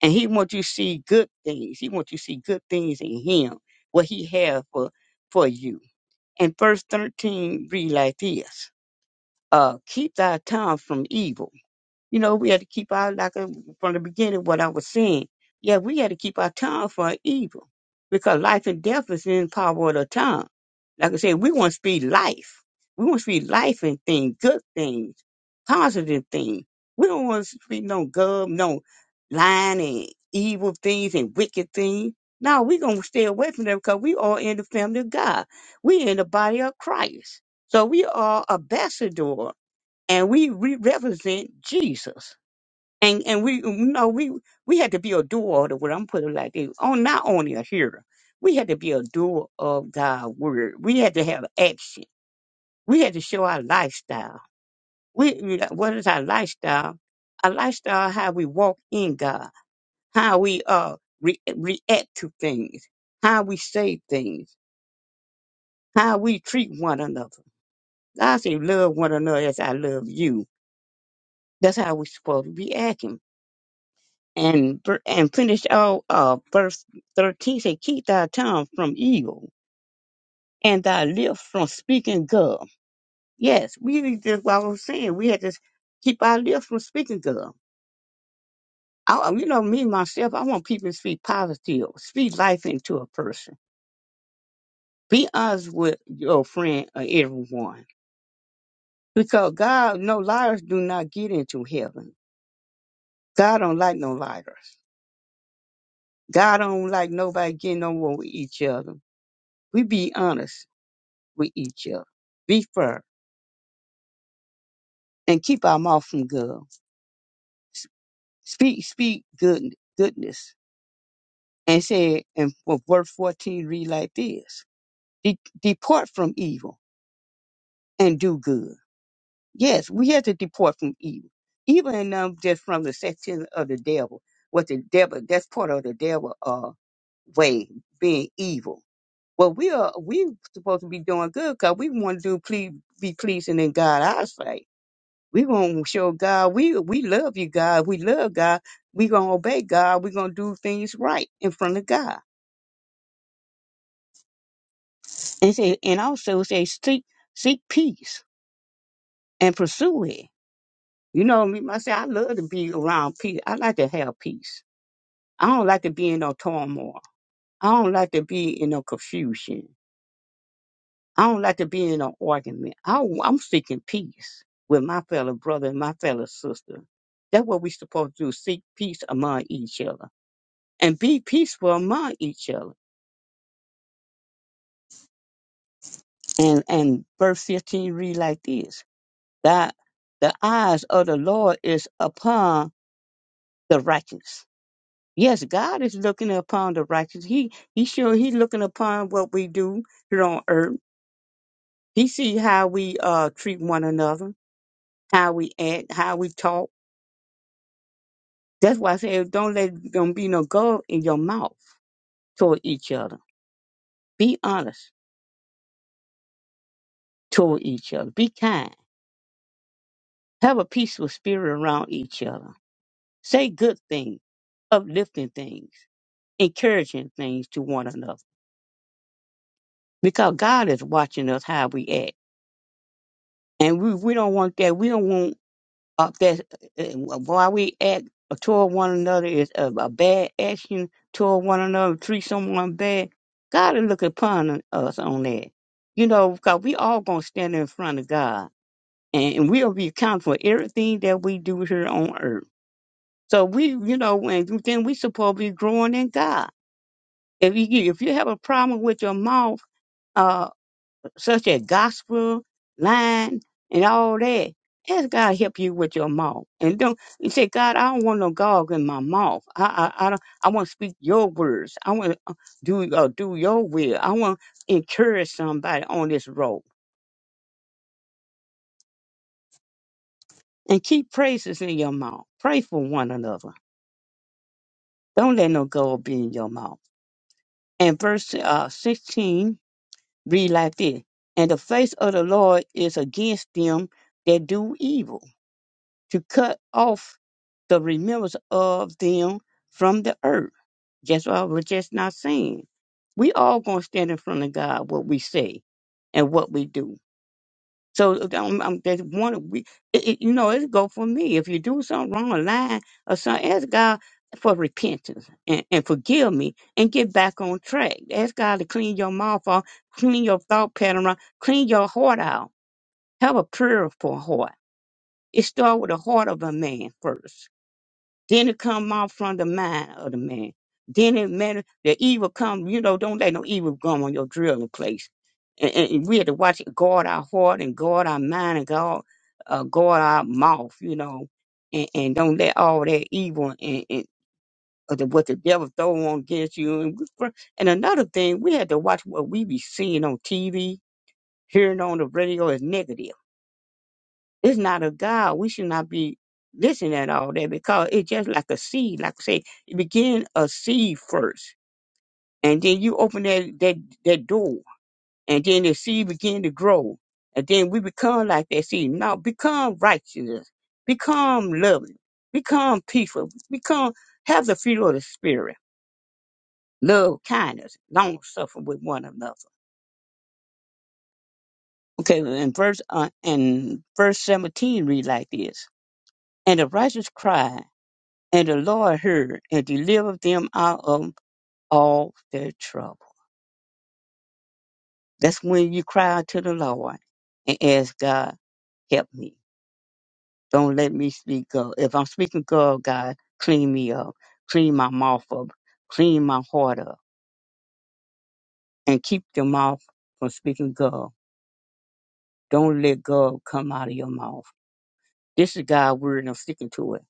G: And he wants you to see good things. He wants you to see good things in him, what he has for, for you. And verse 13 read like this. Uh, keep thy tongue from evil you know, we had to keep our, like uh, from the beginning, what I was saying. Yeah, we had to keep our tongue from evil because life and death is in the power of the tongue. Like I said, we want to speak life. We want to speak life and things, good things, positive things. We don't want to speak no gum, no lying and evil things and wicked things. No, we're going to stay away from that because we are in the family of God. we in the body of Christ. So we are ambassador and we re- represent Jesus. And and we you know we we had to be a doer of the word. I'm putting it like this. On not only a hearer, we had to be a doer of God's word. We had to have action. We had to show our lifestyle. We you know, what is our lifestyle? Our lifestyle, how we walk in God, how we uh re- react to things, how we say things, how we treat one another. God say, love one another as I love you. That's how we're supposed to be acting. and bir- and finish out uh, verse 13 say keep thy tongue from evil and thy lips from speaking good yes we need to- what i was saying we had to keep our lips from speaking good I, you know me myself i want people to speak positive speak life into a person be honest with your friend or everyone because god no liars do not get into heaven god don't like no liars god don't like nobody getting on with each other we be honest with each other. Be firm and keep our mouth from guile. S- Speak, speak good, goodness. And say, and for verse 14 read like this. De- depart from evil and do good. Yes, we have to depart from evil. Evil and um, just from the section of the devil. What the devil, that's part of the devil, uh, way, being evil. Well, we are, we supposed to be doing good because we want to do please, be pleasing in God's eyesight We gonna show God we we love you, God. We love God. We gonna obey God. We gonna do things right in front of God. And say, and also say, seek seek peace and pursue it. You know me myself. I love to be around peace. I like to have peace. I don't like to be in no turmoil. I don't like to be in no confusion. I don't like to be in no argument. I, I'm seeking peace with my fellow brother and my fellow sister. That's what we supposed to do: seek peace among each other. and be peaceful among each other. And and verse 15 read like this that the eyes of the Lord is upon the righteous. Yes, God is looking upon the righteous. He he sure he's looking upon what we do here on earth. He see how we uh treat one another, how we act, how we talk. That's why I say don't let don't be no gold in your mouth toward each other. Be honest toward each other. Be kind. Have a peaceful spirit around each other Say good things, uplifting things, encouraging things to one another. Because God is watching us how we act. And we, we don't want that. We don't want uh, that uh, while we act toward one another is a, a bad action toward one another, treat someone bad. God is looking upon us on that. You know, because we all going to stand in front of God. And and we'll be accountable for everything that we do here on earth. So we, you know, and then we supposed to be growing in God If you if you have a problem with your mouth, uh, such as gospel, lying, and all that, ask God to help you with your mouth. And don't you say, God, I don't want no gog in my mouth. I I I, don't, I want to speak your words. I want to do uh, do your will. I want to encourage somebody on this road. And keep praises in your mouth. Pray for one another. Don't let no gold be in your mouth. And verse uh, 16 read like this. And the face of the Lord is against them that do evil, to cut off the remembrance of them from the earth. That's what I was just not saying. We all gonna stand in front of God what we say and what we do. So um, um, there's one. We, it, it- you know, it go for me. If you do something wrong, a lie or something, ask God for repentance and, and forgive me and get back on track. Ask God to clean your mouth off, clean your thought pattern off, clean your heart out. Have a pure for heart. It starts with the heart of a man first then it come out from the mind of the man. Then it matter the evil come, you know, don't let no evil come on your drilling place. And, and and we have to watch it, guard our heart and guard our mind and guard, uh, guard our mouth, you know, and, and don't let all that evil and, and of the, what the devil throw on against you. And, we fr- and another thing, we had to watch what we be seeing on TV, hearing on the radio is negative. It's not of God. We should not be listening at all that because it's just like a seed. Like I say, you begin a seed first, and then you open that that that door, and then the seed begin to grow, and then we become like that seed. Now become righteousness, become loving, become peaceful, become have the fruit of the spirit, love, kindness, long suffering with one another. Okay, and verse uh, and verse seventeen read like this: And the righteous cry. And the Lord heard and delivered them out of all their trouble. That's when you cry out to the Lord and ask God, help me. Don't let me speak up. If I'm speaking God, God, clean me up. Clean my mouth up. Clean my heart up. And keep your mouth from speaking God. Don't let God come out of your mouth. This is God's word and I'm sticking to it.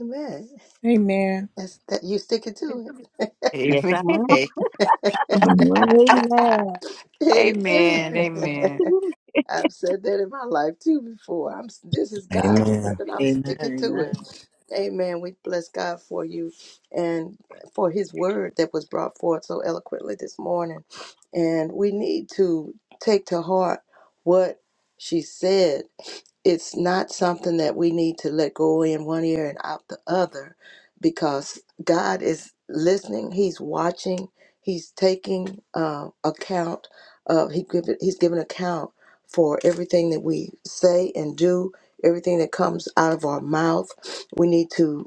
C: Amen.
A: amen.
C: That's that you sticking to
G: Yes, I
I: Amen.
C: it.
E: Amen.
I: Amen.
C: Amen.
I: Amen.
C: I've said that in my life too before. I'm this is God's
B: Amen.
C: word and I'm
K: Amen.
C: sticking to
K: Amen.
C: it. Amen. We bless God for you and for his word that was brought forth so eloquently this morning. And we need to take to heart what she said it's not something that we need to let go in one ear and out the other because God is listening, He's watching, He's taking uh, account of he give, He's giving account for everything that we say and do, everything that comes out of our mouth. We need to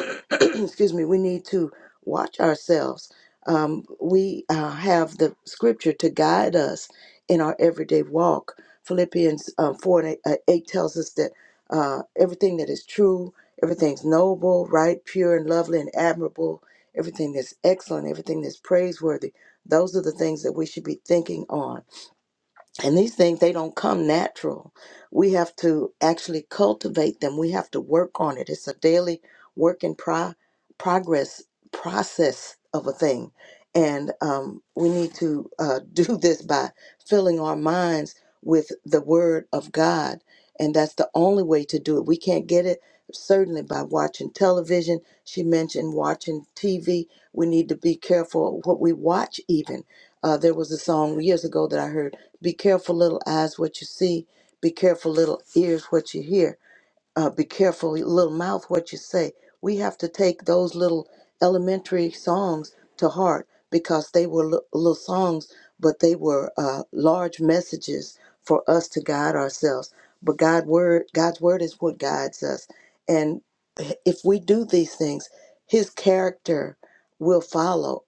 C: excuse me, we need to watch ourselves. Um, we uh, have the scripture to guide us in our everyday walk. Philippians uh, 4 and 8, uh, 8 tells us that uh, everything that is true, everything's noble, right, pure, and lovely, and admirable, everything that's excellent, everything that's praiseworthy, those are the things that we should be thinking on and these things, they don't come natural. We have to actually cultivate them. We have to work on it. It's a daily work in pro- progress process of a thing. And um, we need to uh, do this by filling our minds with the Word of God. And that's the only way to do it. We can't get it certainly by watching television. She mentioned watching TV. We need to be careful what we watch, even. Uh, there was a song years ago that I heard be careful, little eyes, what you see. Be careful, little ears, what you hear. Uh, be careful, little mouth, what you say. We have to take those little elementary songs to heart because they were li- little songs, but they were uh, large messages for us to guide ourselves. But God word, God's word is what guides us, and if we do these things, His character will follow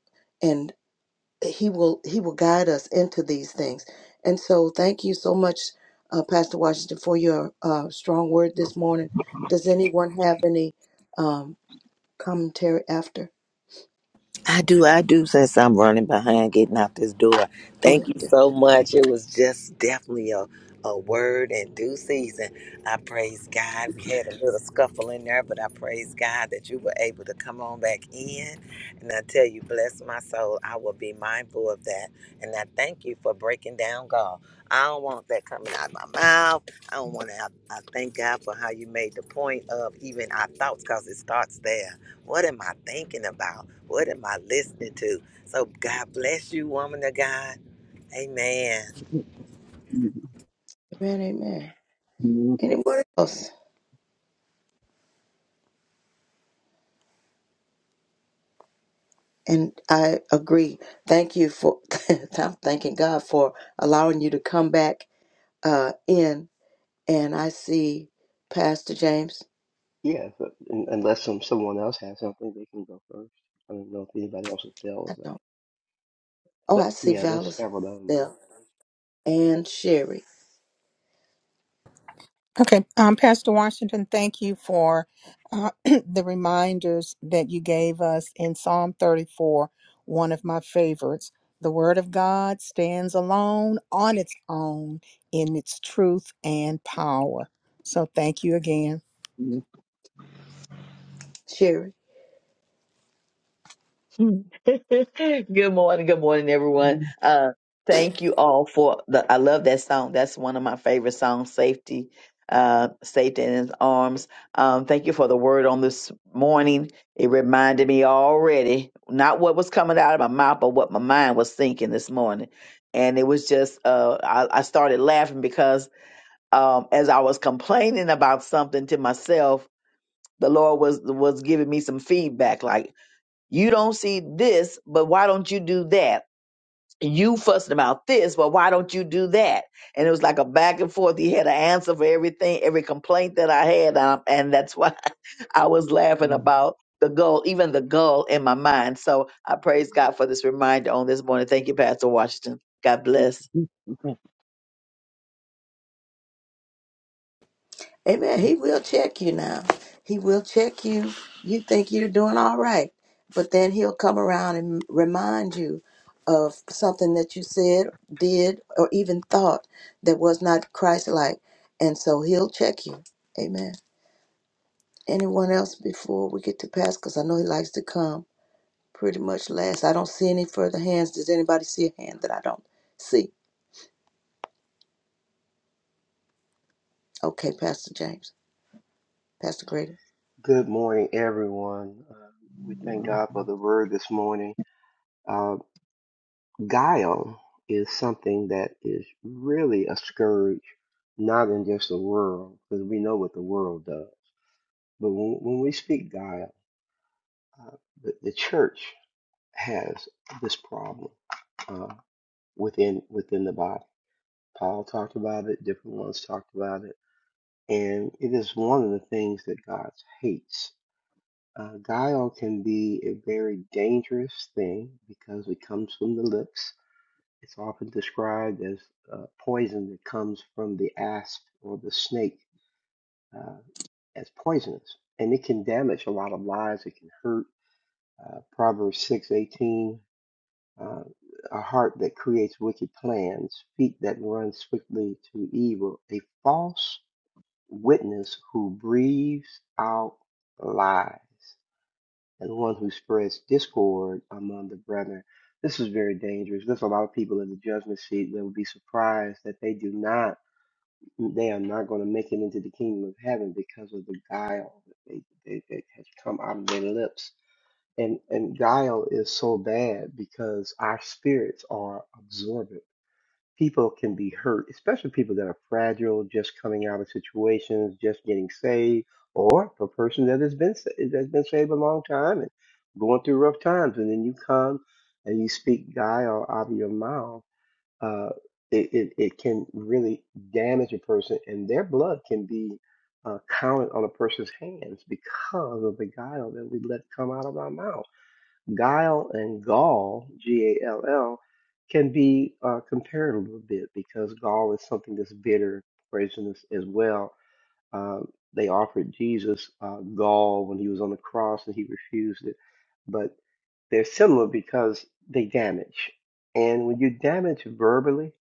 C: he will he will guide us into these things and so thank you so much uh, pastor washington for your uh, strong word this morning does anyone have any um, commentary after
B: I do, I do, since I'm running behind getting out this door.
C: go
B: Thank
C: ahead
B: you
C: dear.
B: so much. It was just definitely a, a word and due season. I praise God. We had a little scuffle in there, but I praise God that you were able to come on back in. And I tell you, bless my soul, I will be mindful of that. And I thank you for breaking down God. I don't want that coming out of my mouth. I don't want to. I, I thank God for how you made the point of even our thoughts because it starts there. What am I thinking about? What am I listening to? So God bless you, woman of God. Amen.
C: amen amen anyone else and i agree thank you for i'm thanking god for allowing you to come back uh, in and i see pastor james
L: Yeah, but un- unless some someone else has something, they can go first. I don't know if anybody else
C: i
L: fails that.
C: don't oh
L: But
C: i see
L: yeah, there's
C: valis
L: several of them. uh.
C: there and sherry
A: Okay, um, Pastor Washington, thank you for uh, the reminders that you gave us in Psalm 34, one of my favorites. The Word of God stands alone on its own in its truth and power. So thank you again.
C: sherry
D: good morning, good morning, everyone. Uh, thank you all for the. I love that song. That's one of my favorite songs. Safety, uh, safety in His arms. Um, thank you for the word on this morning. It reminded me already not what was coming out of my mouth, but what my mind was thinking this morning. And it was just, uh, I, I started laughing because um, as I was complaining about something to myself, the Lord was was giving me some feedback, like you don't see this, but why don't you do that? You fussing about this, but why don't you do that? And it was like a back and forth. He had an answer for everything, every complaint that I had, um, and that's why I was laughing about the goal, even the goal in my mind. So I praise God for this reminder on this morning. Thank you, Pastor Washington. God bless.
C: Amen. He will check you now. He will check you. You think you're doing all right, but then he'll come around and remind you of something that you said, did, or even thought that was not Christ-like, and so he'll check you. Amen. Anyone else before we get to pass? Because I know he likes to come pretty much last. I don't see any further hands. Does anybody see a hand that I don't see? Okay, Pastor James, Pastor Grady.
L: Good morning, everyone. Uh, we thank God for the word this morning. Uh, guile is something that is really a scourge, not in just the world, because we know what the world does. But when, when we speak guile, uh, the, the church has this problem uh, within within the body. Paul talked about it, different ones talked about it. And it is one of the things that God hates. Uh, guile can be a very dangerous thing because it comes from the lips. It's often described as uh, poison that comes from the asp or the snake uh, as poisonous. And it can damage a lot of lives, it can hurt. Uh, Proverbs six eighteen. uh, a heart that creates wicked plans, feet that run swiftly to evil, a false witness who breathes out lies and one who spreads discord among the brethren. This is very dangerous. There's a lot of people in the judgment seat that will be surprised that they do not, they are not going to make it into the kingdom of heaven because of the guile that, they, they, that has come out of their lips. And, and guile is so bad because our spirits are absorbent people can be hurt, especially people that are fragile, just coming out of situations, just getting saved, or a person that has been sa- that's been saved a long time and going through rough times, and then you come and you speak guile out of your mouth. Uh, it, it, it can really damage a person, and their blood can be uh, counted on a person's hands because of the guile that we let come out of our mouth guile and gall, G A L L, can be uh, compared a little bit because gall is something that's bitter, poisonous as well. Uh, they offered Jesus uh, gall when he was on the cross and he refused it. But they're similar because they damage. And when you damage verbally,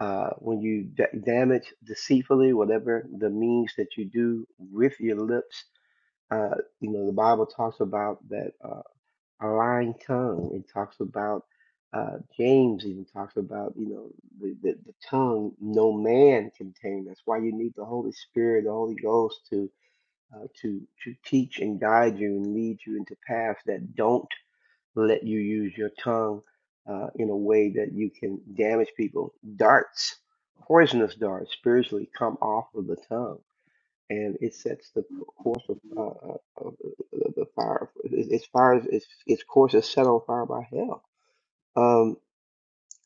L: uh, when you da- damage deceitfully, whatever the means that you do with your lips, uh, you know, the Bible talks about that. Uh, a lying tongue. It talks about uh, James even talks about you know the, the the tongue no man can tame. That's why you need the Holy Spirit, the Holy Ghost to uh, to to teach and guide you and lead you into paths that don't let you use your tongue uh, in a way that you can damage people. Darts, poisonous darts, spiritually come off of the tongue and it sets the course of, uh, uh, of the the fire. Its fire, its its course is set on fire by hell. Um,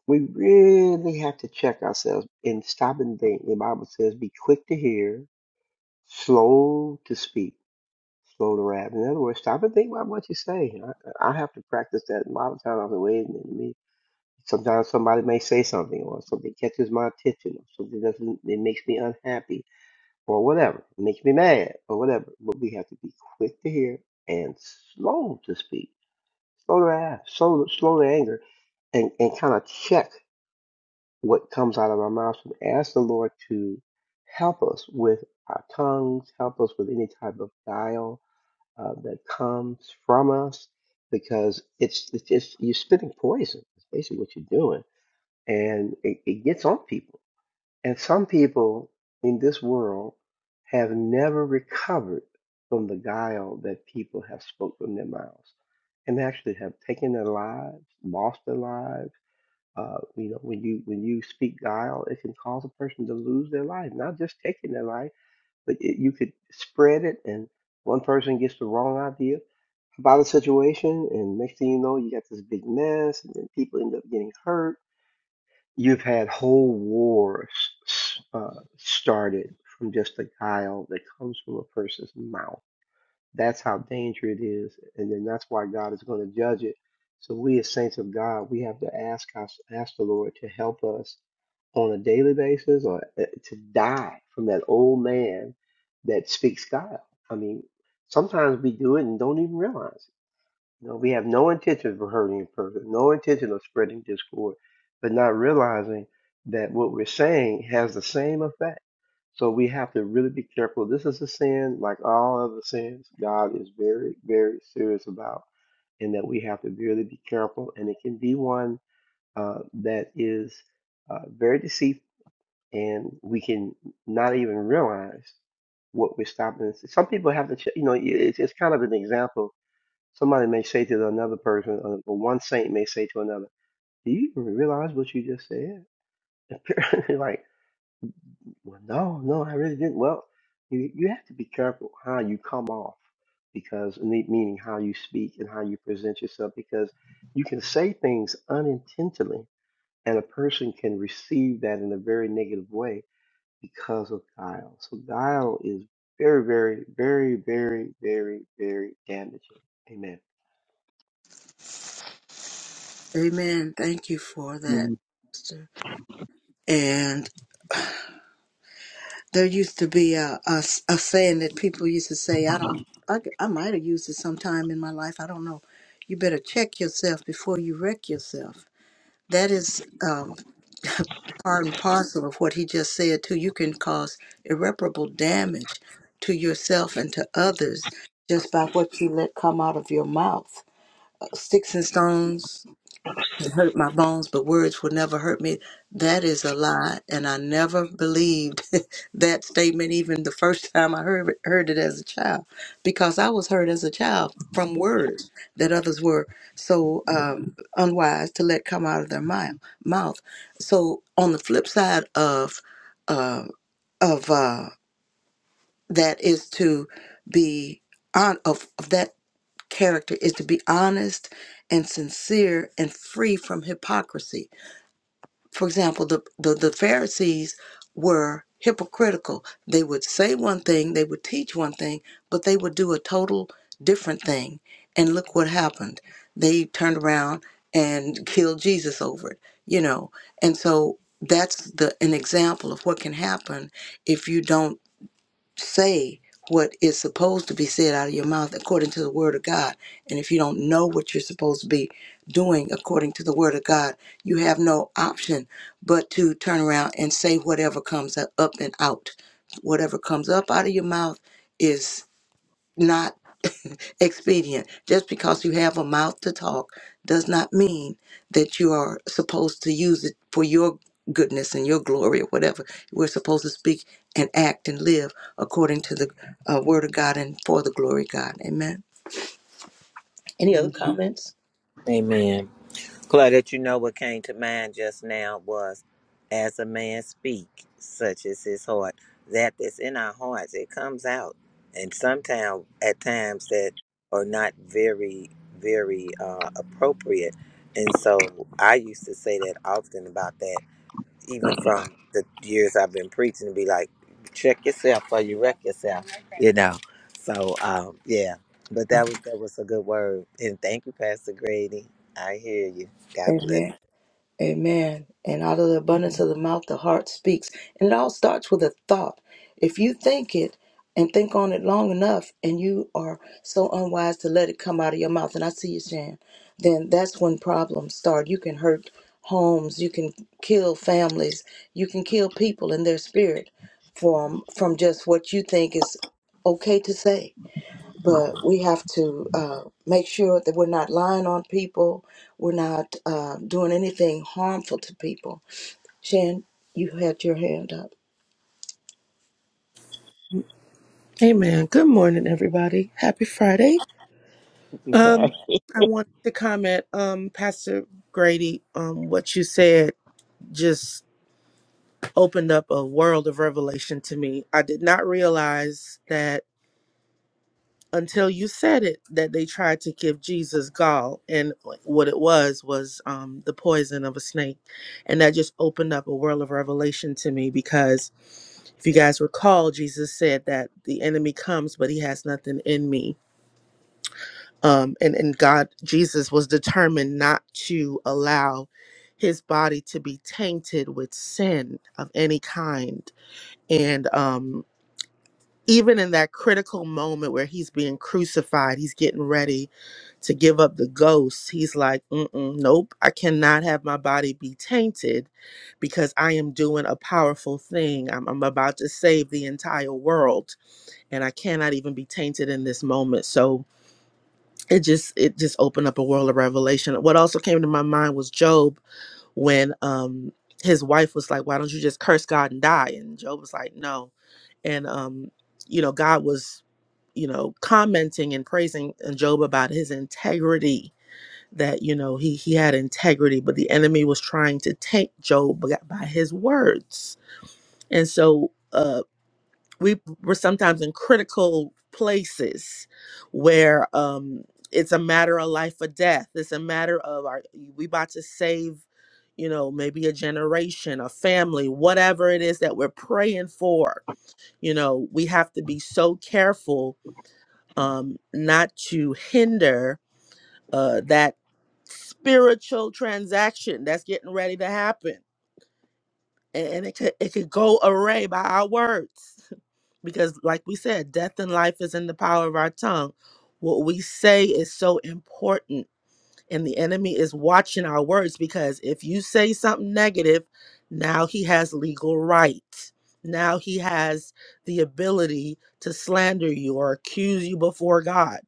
L: we really have to check ourselves and stop and think. The Bible says, "Be quick to hear, slow to speak, slow to wrath." In other words, stop and think about what you say. I, I have to practice that a lot of times. I'm waiting and me. Sometimes somebody may say something, or something catches my attention, or something doesn't. It makes me unhappy or whatever, makes me mad or whatever. But we have to be quick to hear and slow to speak, slow to ask, slow, slow to anger, and, and kind of check what comes out of our mouths and ask the Lord to help us with our tongues, help us with any type of guile uh, that comes from us, because it's, it's just you're spitting poison. It's basically what you're doing, and it, it gets on people and some people in this world have never recovered from the guile that people have spoken from their mouths, and actually have taken their lives, lost their lives. Uh, you know, when you when you speak guile, it can cause a person to lose their life. Not just taking their life, but it, you could spread it, and one person gets the wrong idea about a situation, and next thing you know, you got this big mess, and then people end up getting hurt You've had whole wars uh, started from just a guile that comes from a person's mouth. That's how dangerous it is, and then that's why God is going to judge it. So we as saints of God, we have to ask us, ask the Lord to help us on a daily basis or uh, to die from that old man that speaks guile. I mean, sometimes we do it and don't even realize. No, we have no intention of hurting a person, no intention of spreading discord, but not realizing that what we're saying has the same effect. So we have to really be careful. This is a sin, like all other sins, God is very, very serious about, and that we have to really be careful. And it can be one uh, that is uh, very deceitful, and we can not even realize what we're stopping. Some people have to, ch- you know, it- it's, it's kind of an example Somebody may say to another person, uh, or one saint may say to another, "Do you even realize what you just said?" You're like, "Well, no, no, I really didn't." Well, you you have to be careful how you come off, because me- meaning how you speak and how you present yourself, because you can say things unintentionally, and a person can receive that in a very negative way because of guile. So guile is very, very, very, very, very, very damaging. Amen.
C: Amen. Thank you for that, sister. there used to be a, a s- a saying that people used to say i don't i, g- I might have used it sometime in my life i don't know you better check yourself before you wreck yourself that is um, part and parcel of what he just said too you can cause irreparable damage to yourself and to others just by what you let come out of your mouth Uh, sticks and stones it hurt my bones, but words will never hurt me. That is a lie, and I never believed that statement even the first time I heard it, heard it as a child, because I was hurt as a child from words that others were so um, unwise to let come out of their mouth. Mouth. So on the flip side of uh, of uh, that is to be on of, of that character is to be honest and sincere and free from hypocrisy for example, the, the, the Pharisees were hypocritical. They would say one thing, they would teach one thing, but they would do a total different thing. And look what happened. They turned around and killed Jesus over it, you know. And so that's the an example of what can happen if you don't say what is supposed to be said out of your mouth according to the word of God. And if you don't know what you're supposed to be doing according to the word of God, you have no option but to turn around and say whatever comes up and out. Whatever comes up out of your mouth is not expedient. Just because you have a mouth to talk does not mean that you are supposed to use it for your goodness and your glory or whatever. We're supposed to speak and act and live according to the uh, word of God and for the glory of God. Amen. Any other
G: am.
C: comments?
B: Amen. Glad that you know what came to mind just now was as a man speak, such is his heart. That that's in our hearts, it comes out. And sometimes at times that are not very, very uh, appropriate. And so I used to say that often about that. even from the years I've been preaching to be like, check yourself or you wreck yourself, you know. So um, yeah, but that was that was a good word, and thank you, Pastor Grady. I hear you. God bless,
C: Amen. Amen. And out of the abundance of the mouth, the heart speaks. And it all starts with a thought. If you think it and think on it long enough, and you are so unwise to let it come out of your mouth, and I see you, Shan, then that's when problems start. You can hurt homes, you can kill families, you can kill people in their spirit from from just what you think is okay to say but we have to uh, make sure that we're not lying on people. We're not uh, doing anything harmful to people. Shan, you had your hand up.
M: Amen. Good morning, everybody. Happy Friday.
G: before
M: Um, I wanted to comment, um, Pastor Grady, um, what you said just opened up a world of revelation to me. I did not realize that until you said it that they tried to give Jesus gall, and what it was was um, the poison of a snake, and that just opened up a world of revelation to me because. If you guys recall, Jesus said that the enemy comes, but he has nothing in me. um, and and God Jesus was determined not to allow his body to be tainted with sin of any kind, and um, even in that critical moment where he's being crucified, he's getting ready to give up the ghost. He's like, Mm-mm, "Nope, I cannot have my body be tainted, because I am doing a powerful thing. I'm, I'm about to save the entire world, and I cannot even be tainted in this moment." So it just it just opened up a world of revelation what also came to my mind was job when um his wife was like why don't you just curse god and die and job was like no and um you know god was you know commenting and praising uh, job about his integrity that you know he he had integrity but the enemy was trying to take job by by his words and so uh, we were sometimes in critical places where um it's a matter of life or death it's a matter of our we about to save you know maybe a generation a family whatever it is that we're praying for you know we have to be so careful um not to hinder uh that spiritual transaction that's getting ready to happen and, and it could it could go array by our words because like we said death and life is in the power of our tongue what we say is so important and the enemy is watching our words because if you say something negative now he has legal right now he has the ability to slander you or accuse you before god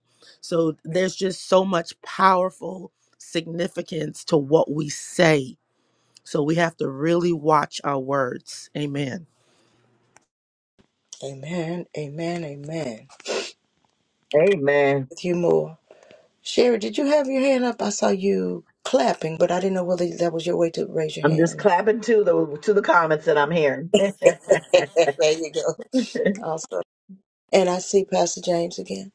M: so there's just so much powerful significance to what we say so we have to really watch our words. Amen.
C: Amen, amen, amen.
D: Amen.
C: With you more. Sherry, did you have your hand up? I saw you clapping, but I didn't know whether that was your way to raise your
D: I'm
C: hand or
D: just
C: not.
D: clapping to the to the comments that I'm hearing.
C: there you go. Awesome. And I see Pastor James again.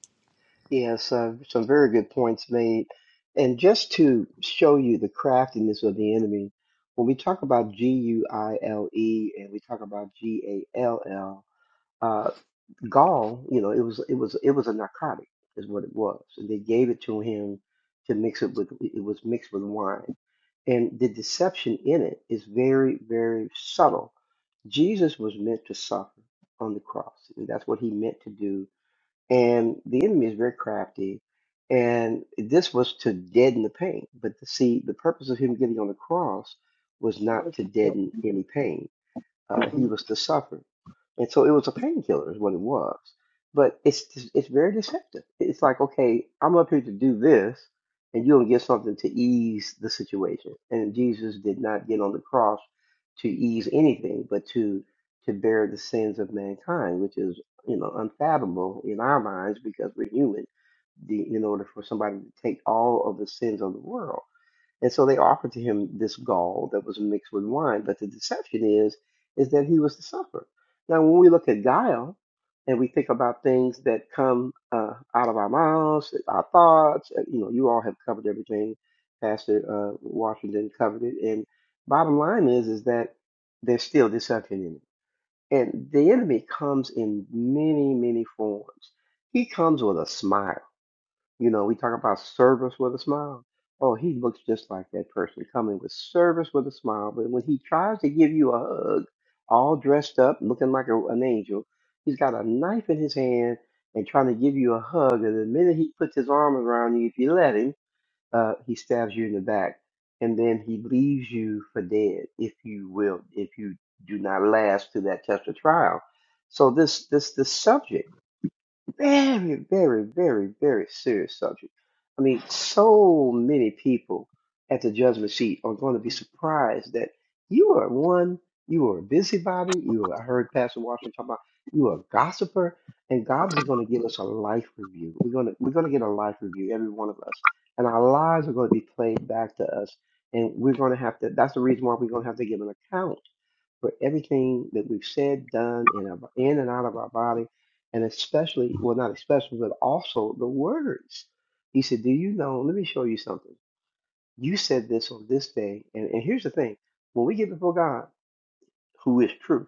L: Yes, uh, some very good points made. And just to show you the craftiness of the enemy, when we talk about G U I L E and we talk about G A L L, uh, gall, you know, it was it was it was a narcotic, is what it was, and they gave it to him to mix it with. It was mixed with wine, and the deception in it is very very subtle. Jesus was meant to suffer on the cross, and that's what he meant to do and the enemy is very crafty. And this was to deaden the pain. But to see, the purpose of him getting on the cross was not to deaden any pain uh, he was to suffer. And so it was a painkiller, is what it was. But it's it's very deceptive. It's like, okay, I'm up here to do this, and you don't get something to ease the situation. And Jesus did not get on the cross to ease anything, but to to bear the sins of mankind, which is you know unfathomable in our minds because we're human. The, in order for somebody to take all of the sins of the world. And so they offered to him this gall that was mixed with wine. But the deception is, is that he was to suffer. Now, when we look at guile and we think about things that come uh, out of our mouths, our thoughts, uh, you know, you all have covered everything Pastor uh, Washington covered it. And bottom line is, is that there's still deception in it. And the enemy comes in many, many forms. He comes with a smile. You know, we talk about service with a smile. Oh, he looks just like that person coming with service with a smile. But when he tries to give you a hug, all dressed up, looking like a, an angel, he's got a knife in his hand and trying to give you a hug. And the minute he puts his arm around you, if you let him, uh, he stabs you in the back. And then he leaves you for dead if you will, if you do not last to that test of trial. So this this this subject. Very, very, very, very serious subject. I mean, so many people at the judgment seat are going to be surprised that you are one, you are a busybody, you are, I heard Pastor Washington talk about you are a gossiper, and God's going to give us a life review. We're going to we're going to get a life review, every one of us, and our lives are going to be played back to us, and we're going to have to. That's the reason why we're going to have to give an account for everything that we've said, done, in, our, in and out of our body and especially, well, not especially, but also the words. He said, Do you know? Let me show you something. You said this on this day. And, and here's the thing when we get before God, who is truth,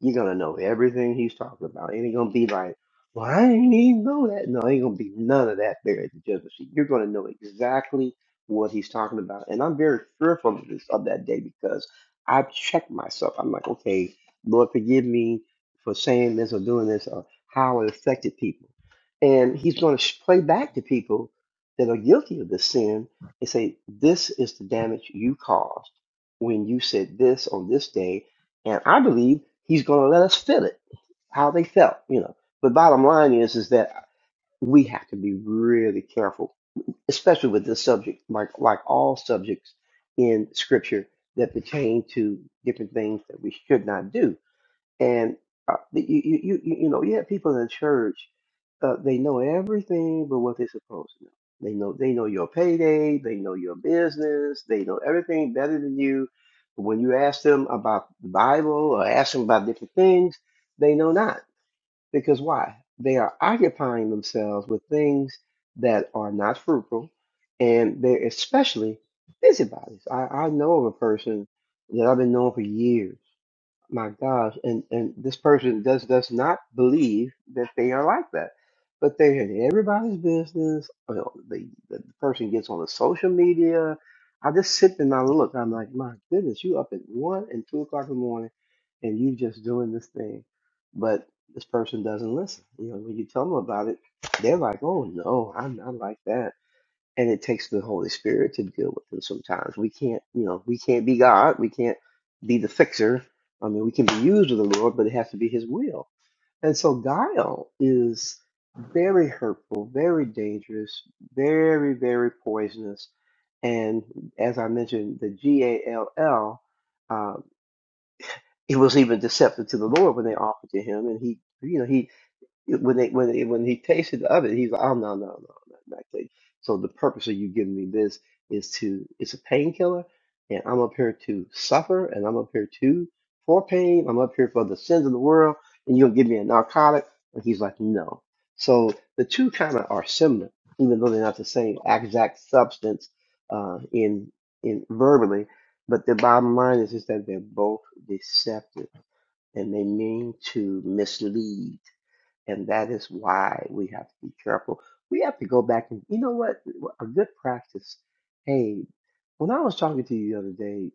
L: you're gonna know everything he's talking about. It ain't gonna be like, well, I ain't even know that. No, ain't gonna be none of that there at the judgment seat. You're gonna know exactly what he's talking about. And I'm very fearful of this of that day because I've checked myself. I'm like, okay, Lord, forgive me for saying this or doing this or how it affected people. And he's gonna sh- play back to people that are guilty of this sin and say, this is the damage you caused when you said this on this day and I believe he's going to let us feel it, how they felt, you know. But bottom line is, is that we have to be really careful, especially with this subject, like like all subjects in Scripture that pertain to different things that we should not do and uh, you, you you you you know you have people in church uh, they know everything but what they're supposed to know they know they know your payday they know your business they know everything better than you but when you ask them about the bible or ask them about different things they know not because why they are occupying themselves with things that are not fruitful and they're especially busybodies i, I know of a person that i've been knowing for years my gosh and and this person does does not believe that they are like that but they're in everybody's business you know, the, the person gets on the social media i just sit and i look i'm like my goodness you up at one and two o'clock in the morning and you just doing this thing but this person doesn't listen you know when you tell them about it they're like oh no i'm not like that and it takes the Holy Spirit to deal with them sometimes. We can't, you know, we can't be God. We can't be the fixer. I mean, we can be used of the Lord, but it has to be His will. And so guile is very hurtful, very dangerous, very, very poisonous. And as I mentioned, the G A L L, um, it was even deceptive to the Lord when they offered to Him, and He, you know, He when they when they, when he tasted of it, he's like, oh no no no no not good. So the purpose of you giving me this is to it's a painkiller, and I'm up here to suffer, and I'm up here to for pain. I'm up here for the sins of the world, and you're gonna give me a narcotic. And he's like, no. So the two kind of are similar, even though they're not the same exact substance uh, in in verbally. But the bottom line is is that they're both deceptive, and they mean to mislead and that is why we have to be careful. We have to go back and, you know what? A good practice. Hey, when I was talking to you the other day,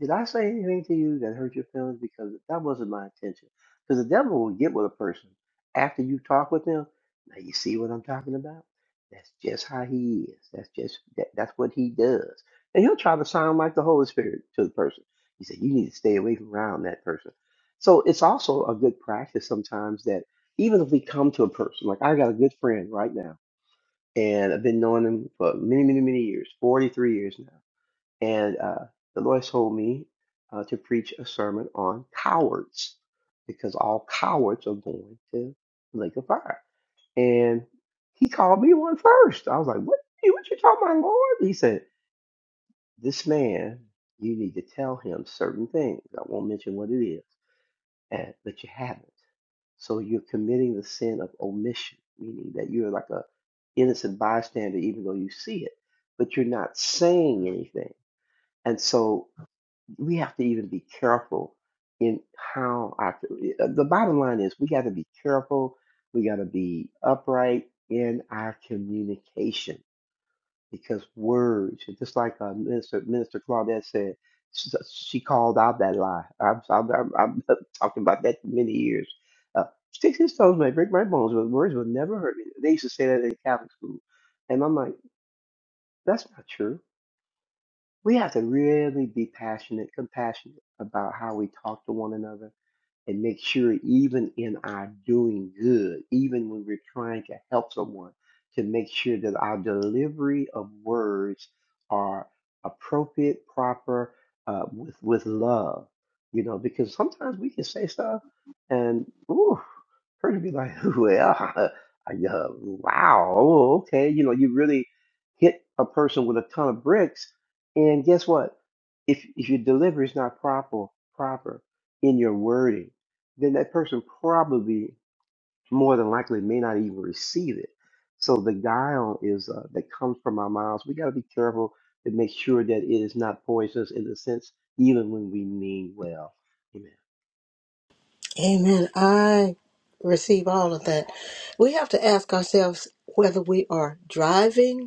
L: did I say anything to you that hurt your feelings? Because that wasn't my intention. Because the devil will get with a person after you talk with them. Now you see what I'm talking about? That's just how he is. That's just that, that's what he does. And he'll try to sound like the Holy Spirit to the person. He said, You need to stay away from around that person. So it's also a good practice sometimes that even if we come to a person, like I got a good friend right now, and I've been knowing him for many, many, many years, 43 years now and uh, the Lord told me uh, to preach a sermon on cowards because all cowards are going to the lake of fire. And he called me one first. I was like, "What? What you talking about, Lord?" He said, "This man, you need to tell him certain things. I won't mention what it is, and but you haven't. So you're committing the sin of omission, meaning that you're like a innocent bystander, even though you see it, but you're not saying anything." And so we have to even be careful in how our the bottom line is we got to be careful we got to be upright in our communication because words just like uh, minister minister claudette said she she called out that lie i'm i'm, I'm, I'm talking about that for many years uh, sticks and stones may break my bones but words will never hurt me they used to say that in catholic school and i'm like that's not true we have to really be passionate, compassionate about how we talk to one another and make sure, even in our doing good, even when we're trying to help someone, to make sure that our delivery of words are appropriate, proper, uh, with with love. You know, because sometimes we can say stuff and ooh, her to be like, well, yeah, wow, oh, okay. You know, you really hit a person with a ton of bricks, and guess what? If if your delivery is not proper, proper in your wording, then that person probably more than likely may not even receive it. So the guile is uh, that comes from our mouths. We got to be careful to make sure that it is not poisonous in the sense, even when we mean well. Amen.
C: Amen. I receive all of that. We have to ask ourselves whether we are driving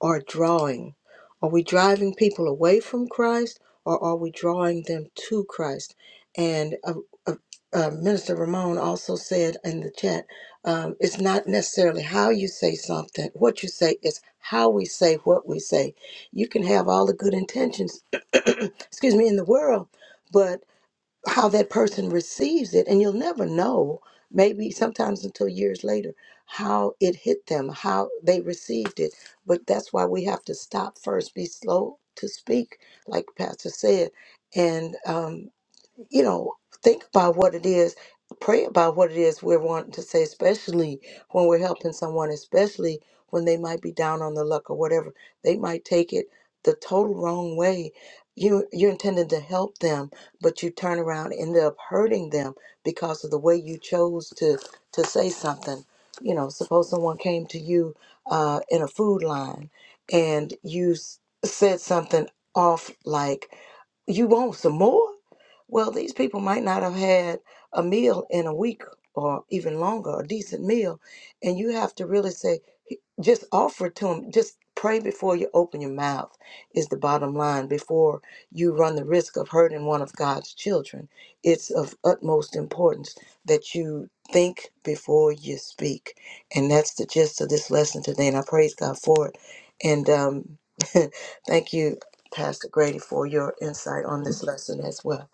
C: or drawing? Are we driving people away from Christ or are we drawing them to Christ? And uh, uh, uh, Minister Ramon also said in the chat um, it's not necessarily how you say something, what you say, it's how we say what we say. You can have all the good intentions, excuse me, in the world. but how that person receives it and you'll never know maybe sometimes until years later how it hit them how they received it but that's why we have to stop first be slow to speak like pastor said and um, you know, think about what it is, pray about what it is we're wanting to say, especially when we're helping someone, especially when they might be down on the luck or whatever. They might take it the total wrong way. You you're intended to help them, but you turn around and end up hurting them because of the way you chose to to say something. You know, suppose someone came to you uh, in a food line and you s- said something off like you want some more? Well, these people might not have had a meal in a week or even longer, a decent meal. And you have to really say, just offer it to them. Just pray before you open your mouth, is the bottom line, before you run the risk of hurting one of God's children. It's of utmost importance that you think before you speak. And that's the gist of this lesson today. And I praise God for it. And um, thank you Pastor Grady, for your insight on this lesson as well.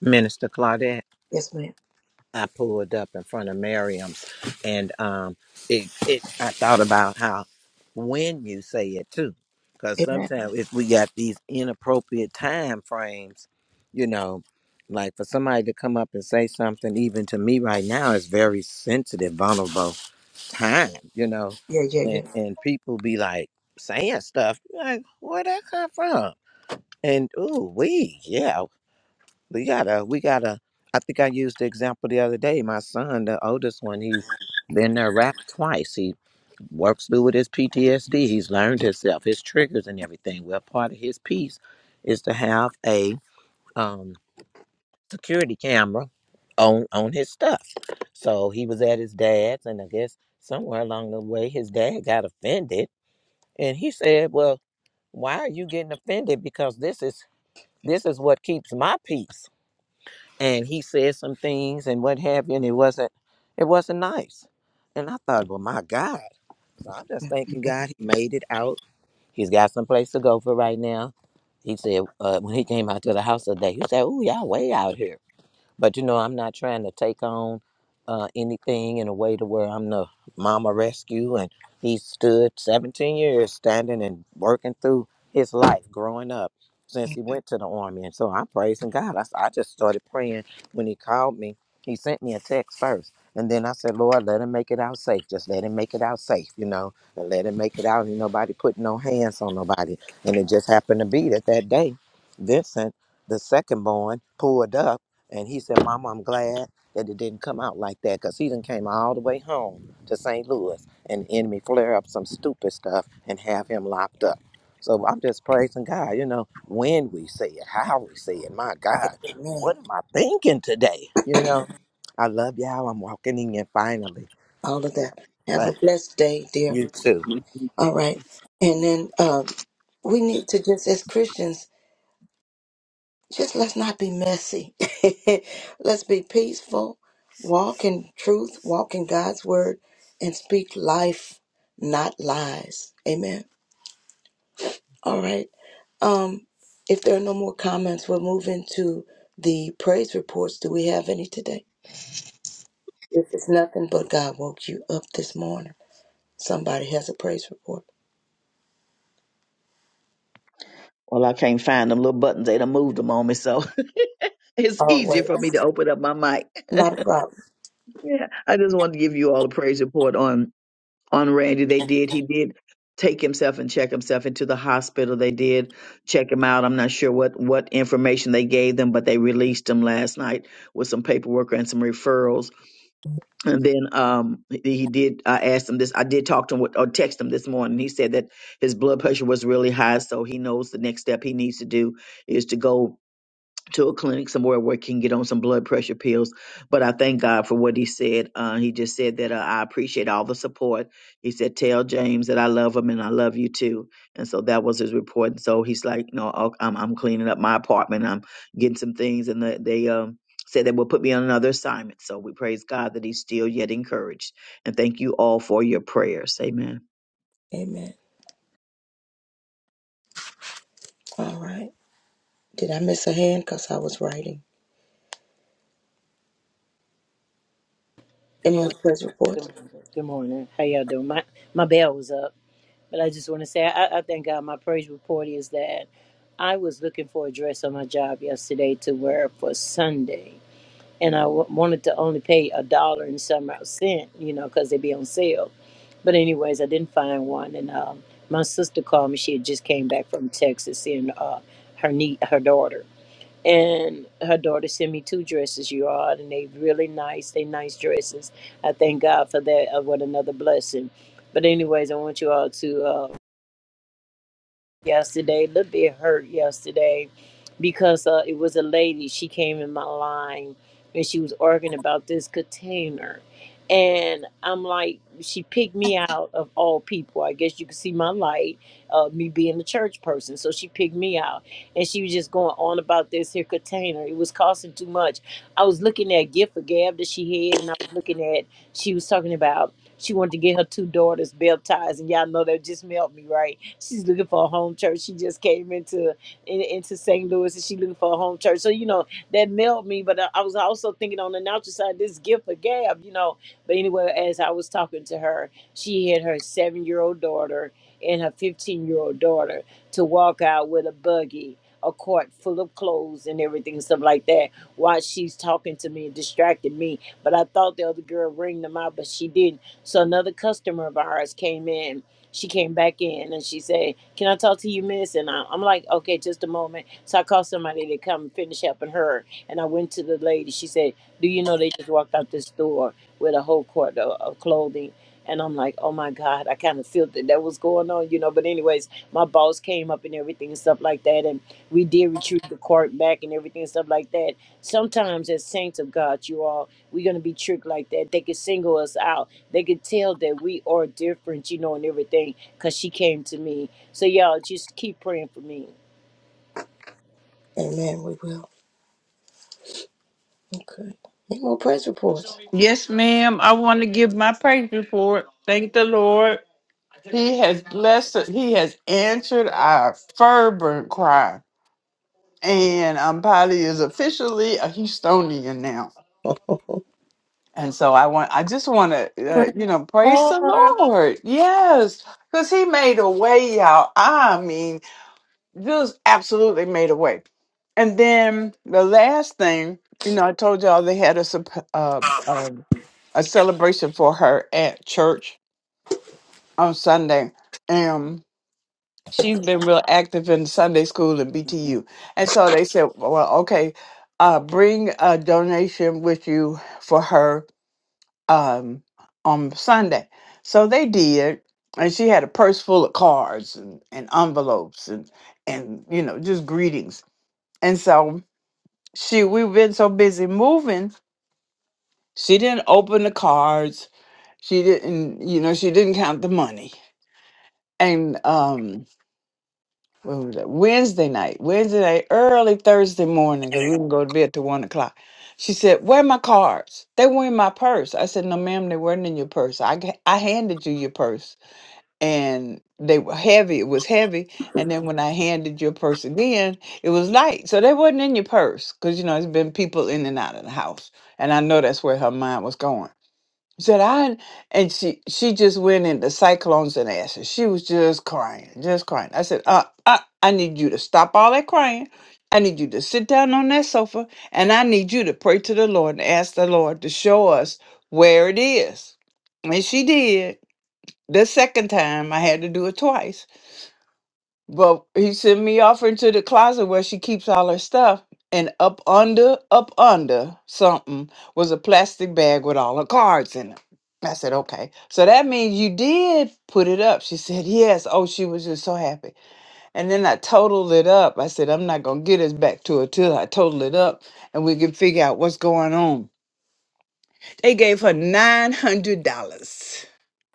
B: Minister Claudette.
C: Yes, ma'am.
B: I pulled up in front of Merriam's, and um, it, it I thought about how when you say it too, because
C: Amen.
B: sometimes if we got these inappropriate time frames, you know, like for somebody to come up and say something, even to me right now, is very sensitive, vulnerable time, you know,
C: Yeah, yeah,
B: and
C: yeah.
B: and people be like saying stuff like, where that come from? And ooh, we, yeah we gotta we gotta i think i used the example the other day my son the oldest one he's been there wrapped twice he works through with his ptsd he's learned himself his triggers and everything well part of his piece is to have a um, security camera on on his stuff so he was at his dad's and i guess somewhere along the way his dad got offended and he said well why are you getting offended because this is this is what keeps my peace and he said some things and what have you, and it wasn't it wasn't nice. And I thought, well, my God. So I'm just
C: yeah.
B: thanking
C: Okay.
B: God he made it out. He's got some place to go for right now. He said uh, when he came out to the house today, he said, "Ooh, y'all way out here." But you know, I'm not trying to take on uh, anything in a way to where I'm the mama rescue. And he stood 17 years standing and working through his life growing up since he went to the army. And so I'm praising God. I, s- I just started praying when he called me. He sent me a text first. And then I said, Lord, let him make it out safe. Just let him make it out safe, you know, and let him make it out. Ain't nobody putting no hands on nobody. And it just happened to be that that day, Vincent, the second born, pulled up and he said, Mama, I'm glad that it didn't come out like that because he done came all the way home to St. Louis and the enemy flare up some stupid stuff and have him locked up. So I'm just praising God, you know, when we say it, how we say it. My God,
C: Amen.
B: what am I thinking today? You know, I love y'all. I'm walking in finally,
C: All of that. Have a
B: but
C: blessed day, dear.
B: you too.
G: Yeah.
C: All right. And then um, we need to just, as Christians, just let's not be messy. let's be peaceful, walk in truth, walk in God's word, and speak life, not lies. Amen. All right. Um, if there are no more comments, we'll move into the praise reports. Do we have any today? If it's nothing but God woke you up this morning, somebody has a praise report.
D: Well, I can't find them little buttons. They done moved them on me, so it's
C: Oh,
D: easier
C: wait.
D: for me to open up my mic.
C: Not a problem.
D: Yeah, I just wanted to give you all a praise report on on Randy. They did. He did take himself and check himself into the hospital. They did check him out. I'm not sure what what information they gave them, but they released him last night with some paperwork and some referrals. And then um he he did. I asked him this. I did talk to him with, or text him this morning. He said that his blood pressure was really high, so he knows the next step he needs to do is to go to a clinic somewhere where I can get on some blood pressure pills. But I thank God for what he said. Uh, he just said that uh, I appreciate all the support. He said, "Tell James that I love him and I love you too." And so that was his report. And so he's like, "No, I'll- I'm I'm cleaning up my apartment. I'm getting some things." And the, they um said they will put me on another assignment. So we praise God that he's still yet encouraged. And thank you all for your prayers. Amen.
C: Amen. All right. Did I miss a hand? Because I was writing.
K: Good
C: Any
K: morning.
C: other praise
K: Good
C: reports?
K: morning. Good morning. How y'all doing? My my bell was up, but I just want to say I, I thank God. My praise report is that I was looking for a dress on my job yesterday to wear for Sunday, and I w- wanted to only pay a dollar and some odd cent, you know, because they be on sale. But anyways, I didn't find one, and um, my sister called me. She had just came back from Texas, seeing uh, her niece, her daughter. and her daughter sent me two dresses, you all, and they really nice. They nice dresses. I thank God for that. Uh, what another blessing. But anyways, I want you all to. uh, yesterday, a little bit hurt yesterday because uh, it was a lady. She came in my line and she was arguing about this container. And I'm like, she picked me out of all people. I guess you can see my light, uh, me being a church person. So she picked me out. And she was just going on about this here container. It was costing too much. I was looking at gift for gab that she had, and I was looking at, she was talking about she wanted to get her two daughters baptized, and y'all know that just melt me, right? She's looking for a home church. She just came into in, into St. Louis, and she looking for a home church. So you know that melt me. But I, I was also thinking on the natural side, this gift of gab, you know. But anyway, as I was talking to her, she had her seven year old daughter and her fifteen year old daughter to walk out with a buggy. A cart full of clothes and everything and stuff like that while she's talking to me and distracted me but I thought the other girl ringed them out, but she didn't. So another customer of ours came in. She came back in and she said, "Can I talk to you, Miss?" And I, I'm like, "Okay, just a moment." So I called somebody to come finish helping her, and I went to the lady. She said, "Do you know they just walked out this door with a whole quart of, of clothing?" And I'm like, "Oh my God!" I kind of feel that that was going on, you know. But anyways, my boss came up and everything and stuff like that, and we did retrieve the quart back and everything and stuff like that. Sometimes as saints of God, you all, we're gonna be tricked like that. They can single us out they could tell that we are different, you know, and everything, because she came to me. So, y'all, just keep praying for me.
C: Amen. We will. Okay. Any more praise reports?
I: Yes, ma'am. I want to give my praise report. Thank the Lord. He has blessed us. He has answered our fervent cry. And um, Polly is officially a Houstonian now. And so I want, I just want to,
A: Praise
I: uh, you know, praise
A: the
I: the
A: Lord.
I: Lord. Yes, because he made a way, y'all. I mean, just absolutely made a way. And then the last thing, you know, I told y'all they had a, sup- uh, uh, a celebration for her at church on Sunday. Um, she's been real active in Sunday school at BTU. And so they said, well, okay, uh, bring a donation with you for her um, on Sunday. So they did. And she had a purse full of cards and, and envelopes and, and, you know, just greetings. And so she, we've been so busy moving, she didn't open the cards. She didn't, you know, she didn't count the money. And, um, what was that? Wednesday night, Wednesday night, early Thursday morning, because we can go to bed till one o'clock. She said, "Where are my cards? They were in my purse." I said, "No, ma'am, they weren't in your purse. I g- I handed you your purse, and they were heavy. It was heavy. And then when I handed your purse again, it was light. So they wasn't in your purse, because you know it's been people in and out of the house, and I know that's where her mind was going." said I and she she just went into cyclones and ashes. She was just crying, just crying. I said, uh, uh, I need you to stop all that crying. I need you to sit down on that sofa and I need you to pray to the Lord and ask the Lord to show us where it is. And she did. The second time I had to do it twice. But he sent me off into the closet where she keeps all her stuff. And up under, up under something was a plastic bag with all her cards in it. I said, okay. So that means you did put it up. She said, yes. Oh, she was just so happy. And then I totaled it up. I said, I'm not going to get us back to her till I total it up and we can figure out what's going on. They gave her $900.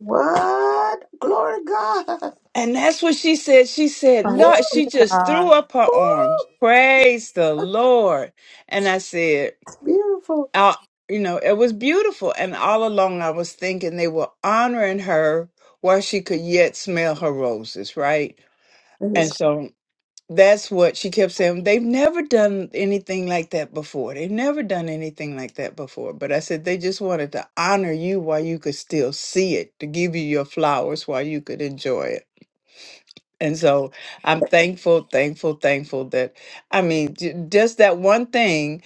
C: What? Glory to God.
I: And that's what she said. She said,
A: Praise
C: Woo,
I: Lord,
A: be
I: she
A: to
I: just threw
A: God.
I: up her
C: woo.
I: arms. Praise the
C: That's
I: Lord. And I said,
C: beautiful.
I: "Uh, you know, it was beautiful. And all along I was thinking they were honoring her while she could yet smell her roses, right? And
C: Praise
I: so that's what she kept saying. They've never done anything like that before. They've never done anything like that before. But I said, they just wanted to honor you while you could still see it, to give you your flowers while you could enjoy it. And so I'm thankful, thankful, thankful that I mean, j- just that one thing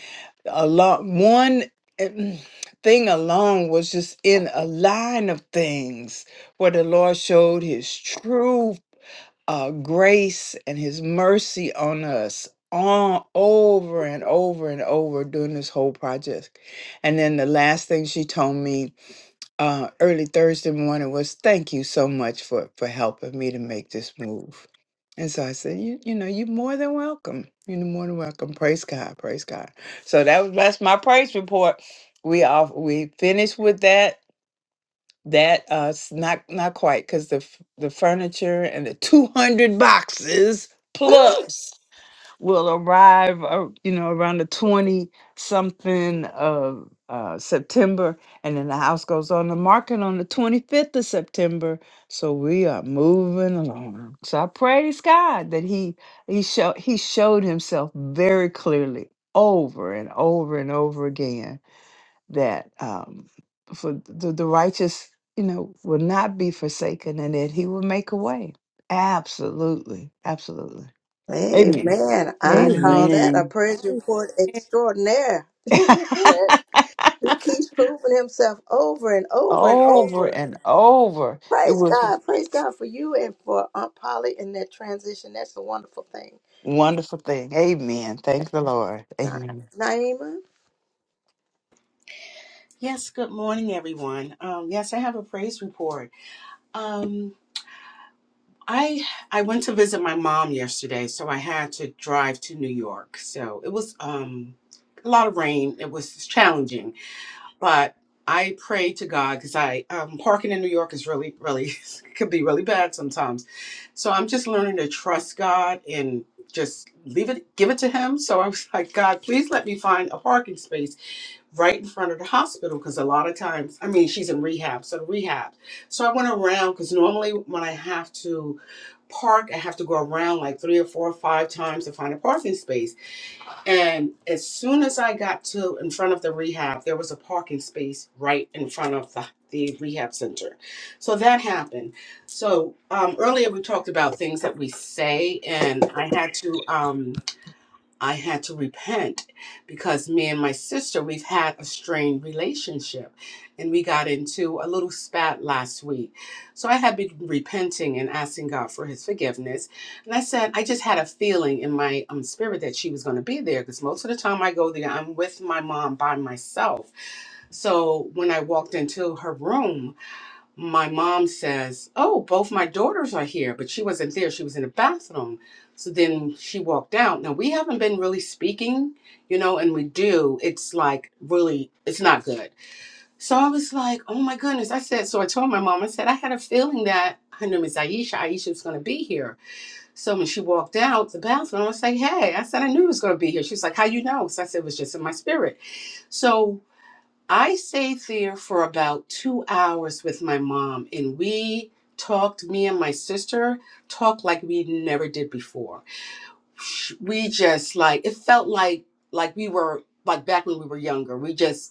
I: along one eh, thing alone was just in a line of things where the Lord showed his true uh, grace and his mercy on us on over and over and over during this whole project. And then the last thing she told me uh, early Thursday morning was thank you so much for for helping me to make this move. And so I said, you you know, you're more than welcome. You're more than welcome. Praise God, praise God. So that was that's my praise report. We off we finished with that. That uh s- not not quite because the f- the furniture and the two hundred boxes plus will arrive, uh, you know, around the 20 something of uh, September. And then the house goes on the market on the 25th of September. So we are moving along. So I praise God that he, he, show, he showed himself very clearly over and over and over again that um, for the, the righteous, you know, will not be forsaken and that he will make a way. Absolutely. Absolutely. Amen.
C: Amen. I call
I: Amen.
C: that a
D: Amen.
C: praise report extraordinaire. he keeps proving himself over and over and
I: over
C: over.
I: and over. It
C: Praise
I: was a
C: God. Praise God for you and for Aunt Polly in that transition. That's a wonderful thing.
I: wonderful thing. Amen. Thank the Lord.
C: Na-
I: Amen.
C: Naima.
F: Yes, good morning, everyone. Um, yes, I have a praise report. Um, I I went to visit my mom yesterday, so I had to drive to New York. So it was um, a lot of rain. It was challenging, but I prayed to God because I um, parking in New York is really, really could be really bad sometimes. So I'm just learning to trust God and just leave it, give it to Him. So I was like, God, please let me find a parking space right in front of the hospital because a lot of times, I mean, she's in rehab, so rehab. So I went around because normally when I have to park, I have to go around like three or four or five times to find a parking space. And as soon as I got to in front of the rehab, there was a parking space right in front of the the rehab center. So that happened. So um, earlier we talked about things that we say, and I had to. Um, I had to repent because me and my sister, we've had a strained relationship and we got into a little spat last week. So I had been repenting and asking God for his forgiveness. And I said, I just had a feeling in my um, spirit that she was going to be there because most of the time I go there, I'm with my mom by myself. So when I walked into her room, my mom says, Oh, both my daughters are here, but she wasn't there. She was in the bathroom. So then she walked out. Now, we haven't been really speaking, you know, and we do. It's like really, it's not good. So I was like, Oh my goodness. I said, So I told my mom, I said, I had a feeling that her name is Aisha. Aisha was going to be here. So when she walked out the bathroom, I was like, Hey, I said, I knew he was going to be here. She was like, How you know? So I said, It was just in my spirit. So I stayed there for about two hours with my mom, and we talked, me and my sister talked like we never did before. Sh- We just like, it felt like, like we were, like back when we were younger. We just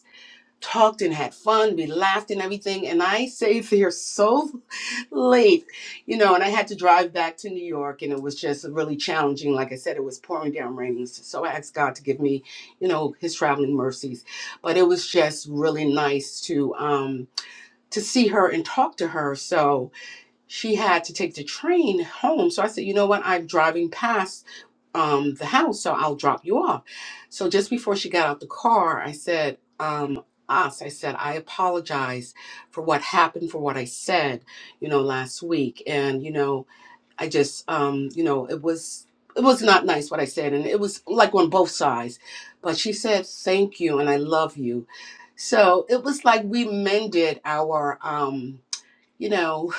F: talked and had fun. We laughed and everything. And I stayed there so late, you know, and I had to drive back to New York and it was just really challenging. Like I said, it was pouring down raining. So so I asked God to give me, you know, his traveling mercies. But it was just really nice to um to see her and talk to her. So she had to take the train home. So I said, you know what? I'm driving past um, the house, so I'll drop you off. So just before she got out the car, I said, um, us, I said, I apologize for what happened, for what I said, you know, last week. And, you know, I just, um, you know, it was. It was not nice what I said, and it was like on both sides. But she said, Thank you, and I love you. So it was like we mended our um, you know,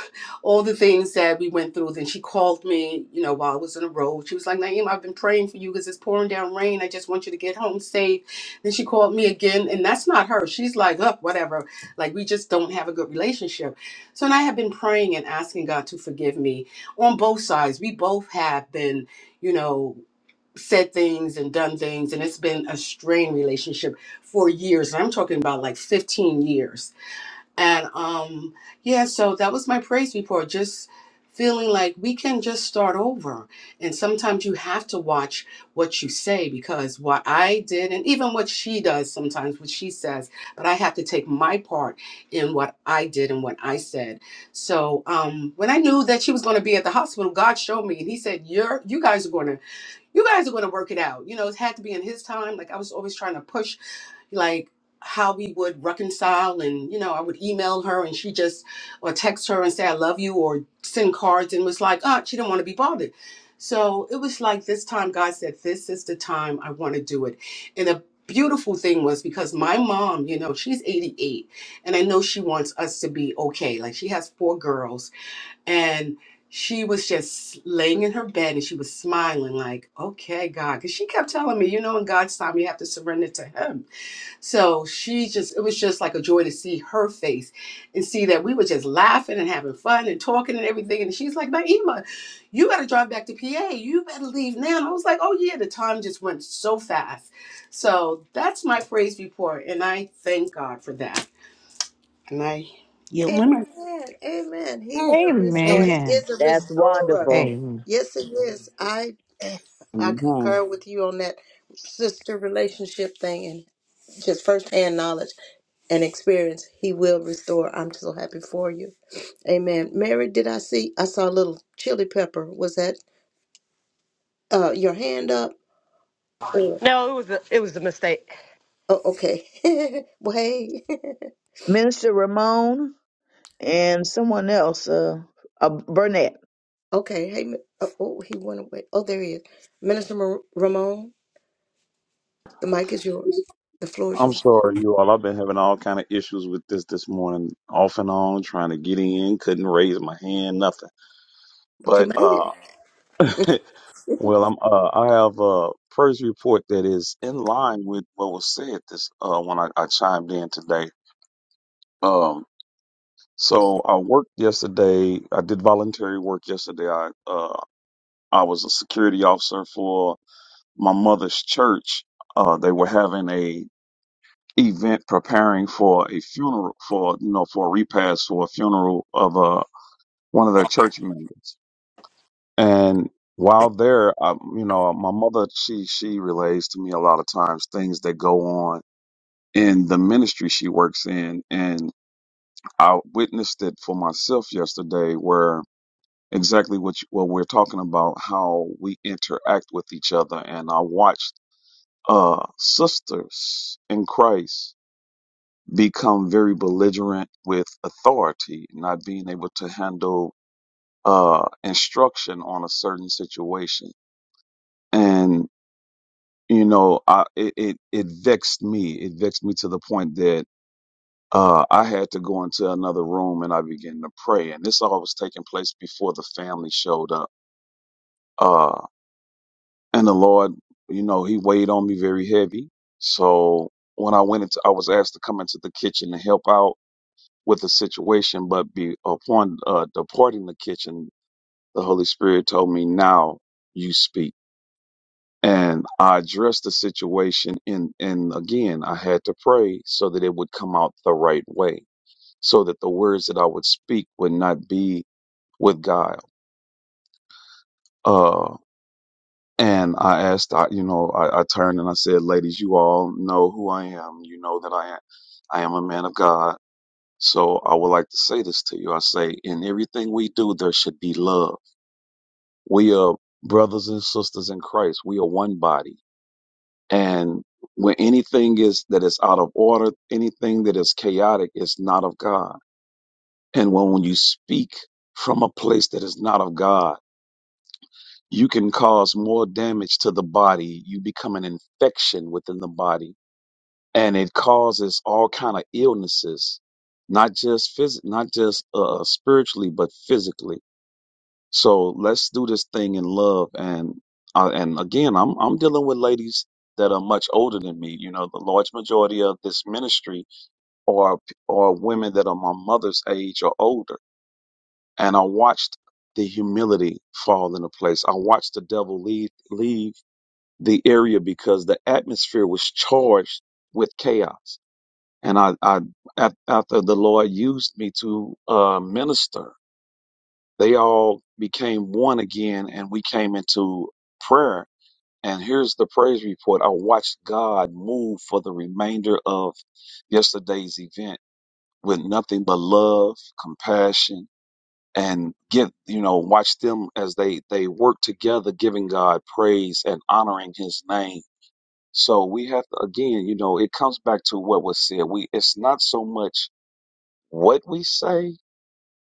F: all the things that we went through. Then she called me, you know, while I was on the road. She was like, Naeem, I've been praying for you because it's pouring down rain. I just want you to get home safe. Then she called me again, and that's not her. She's like, up, whatever. Like, we just don't have a good relationship. So, and I have been praying and asking God to forgive me on both sides. We both have been, you know, said things and done things, and it's been a strained relationship for years. And I'm talking about like 15 years and um, yeah, so that was my praise report. Just feeling like we can just start over. And sometimes you have to watch what you say because what I did, and even what she does sometimes, what she says, but I have to take my part in what I did and what I said. So um, when I knew that she was going to be at the hospital, God showed me, and He said, "You're, you guys are going to, you guys are going to work it out." You know, it had to be in His time. Like I was always trying to push like how we would reconcile and you know i would email her and she just or text her and say i love you or send cards and was like oh she didn't want to be bothered so it was like this time god said this is the time i want to do it and the beautiful thing was because my mom you know she's 88 and i know she wants us to be okay like she has four girls and she was just laying in her bed and she was smiling like okay god because she kept telling me you know in god's time you have to surrender to him so she just, it was just like a joy to see her face and see that we were just laughing and having fun and talking and everything. And she's like, Naima, you got to drive back to PA. You better leave now. And I was like, oh, yeah, the time just went so fast. So that's my praise report. And I thank God for that. And I yield
C: Amen. Amen. He will restore.
A: Amen.
C: He
I: Amen.
C: is a
D: That's
C: restorer.
D: wonderful,
I: Amen.
C: Yes, he is. I
G: Yeah. I
C: I
G: Amen.
C: concur with you on that sister relationship thing and just firsthand knowledge. and experience, He will restore. I'm so happy for you. Amen. Mary, did I see? I saw a little chili pepper. Was that uh, your hand up? Or
N: No, it was a, it was a mistake.
C: oh, okay. well, hey.
D: Minister Ramon. and someone else, uh, uh Burnett.
C: okay. Hey. Ma- Oh, oh, he went away. Oh, there he is. Minister Mar- Ramon, the mic is yours. The floor is
O: I'm
C: yours.
O: sorry, you all. I've been having all kind of issues with this this morning, off and on, trying to get in, couldn't raise my hand, nothing.
C: But you
O: But
C: made it.
O: uh, well, I'm uh, I have a first report that is in line with what was said this uh when I, I chimed in today. Um, so I worked yesterday. I did voluntary work yesterday. I uh I was a security officer for my mother's church. Uh, they were having a event preparing for a funeral for you know for a repast for a funeral of uh, one of their church members and while there I, you know my mother she she relays to me a lot of times things that go on in the ministry she works in and i witnessed it for myself yesterday where exactly what you, what we're talking about how we interact with each other and i watched uh sisters in christ become very belligerent with authority, not being able to handle uh, instruction on a certain situation. And, you know, I, it, it, it vexed me. It vexed me to the point that uh, I had to go into another room and I began to pray. And this all was taking place before the family showed up. Uh, and the Lord, you know, He weighed on me very heavy. So when I went into, I was asked to come into the kitchen to help out with the situation, but be upon uh, departing the kitchen, the Holy Spirit told me, "Now you speak." And I addressed the situation, and and again, I had to pray so that it would come out the right way, so that the words that I would speak would not be with guile. Uh, and I asked, I, you know, I, I turned and I said, "Ladies, you all know who I am. You know that I am, I am a man of God." So I would like to say this to you. I say, in everything we do, there should be love We are brothers and sisters in Christ. We are one body. And when anything is that is out of order, anything that is chaotic is not of God. And when, when you speak from a place that is not of God, you can cause more damage to the body. You become an infection within the body and it causes all kind of illnesses, not just phys- not just uh, spiritually, but physically So let's do this thing in love. And uh, and again, I'm I'm dealing with ladies that are much older than me. You know, the large majority of this ministry are are women that are my mother's age or older. And I watched the humility fall into place. I watched the devil leave leave the area because the atmosphere was charged with chaos. And I, I af- after the Lord used me to uh, minister they all became one again, and we came into prayer. And here's the praise report. I watched God move for the remainder of yesterday's event with nothing but love, compassion, and get you know watch them as they they work together, giving God praise and honoring His name. So we have to again, you know, it comes back to what was said. We it's not so much what we say,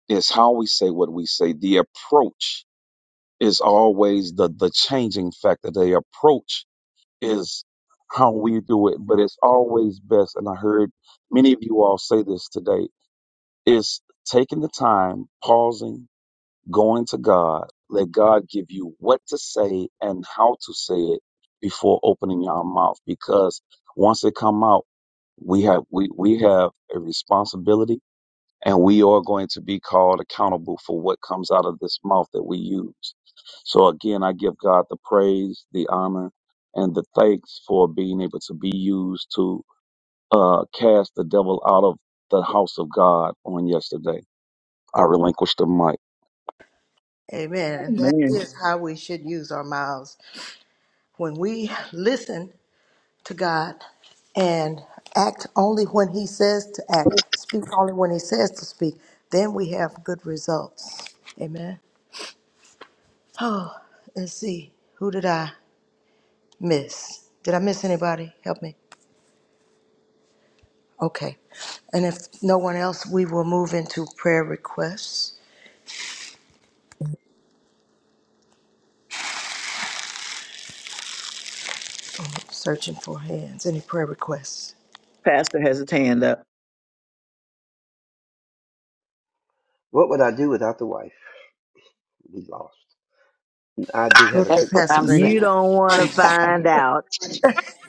O: it's how we say what we say, the approach is always the the changing factor. The approach is how we do it, but it's always best. And I heard many of you all say this today: is taking the time, pausing, going to God, let God give you what to say and how to say it before opening your mouth, because once it come out, we have we we have a responsibility and we are going to be called accountable for what comes out of this mouth that we use. So again, I give God the praise, the honor, and the thanks for being able to be used to uh, cast the devil out of the house of God on yesterday. I relinquish the mic.
C: Amen. And that
D: Man,
C: is how we should use our mouths. When we listen to God and act only when He says to act, speak only when He says to speak, then we have good results. Amen. Oh, let's see. Who did I miss? Did I miss anybody? Help me. Okay. And if no one else, we will move into prayer requests. I'm searching for hands. Any prayer requests?
D: Pastor has his hand up.
L: What would I do without the wife? We lost. I did
C: Go
L: have a
I: That's
L: quick
C: ahead,
I: what
C: Pastor
I: I'm
C: Grady.
D: You
I: saying.
D: don't want to find out.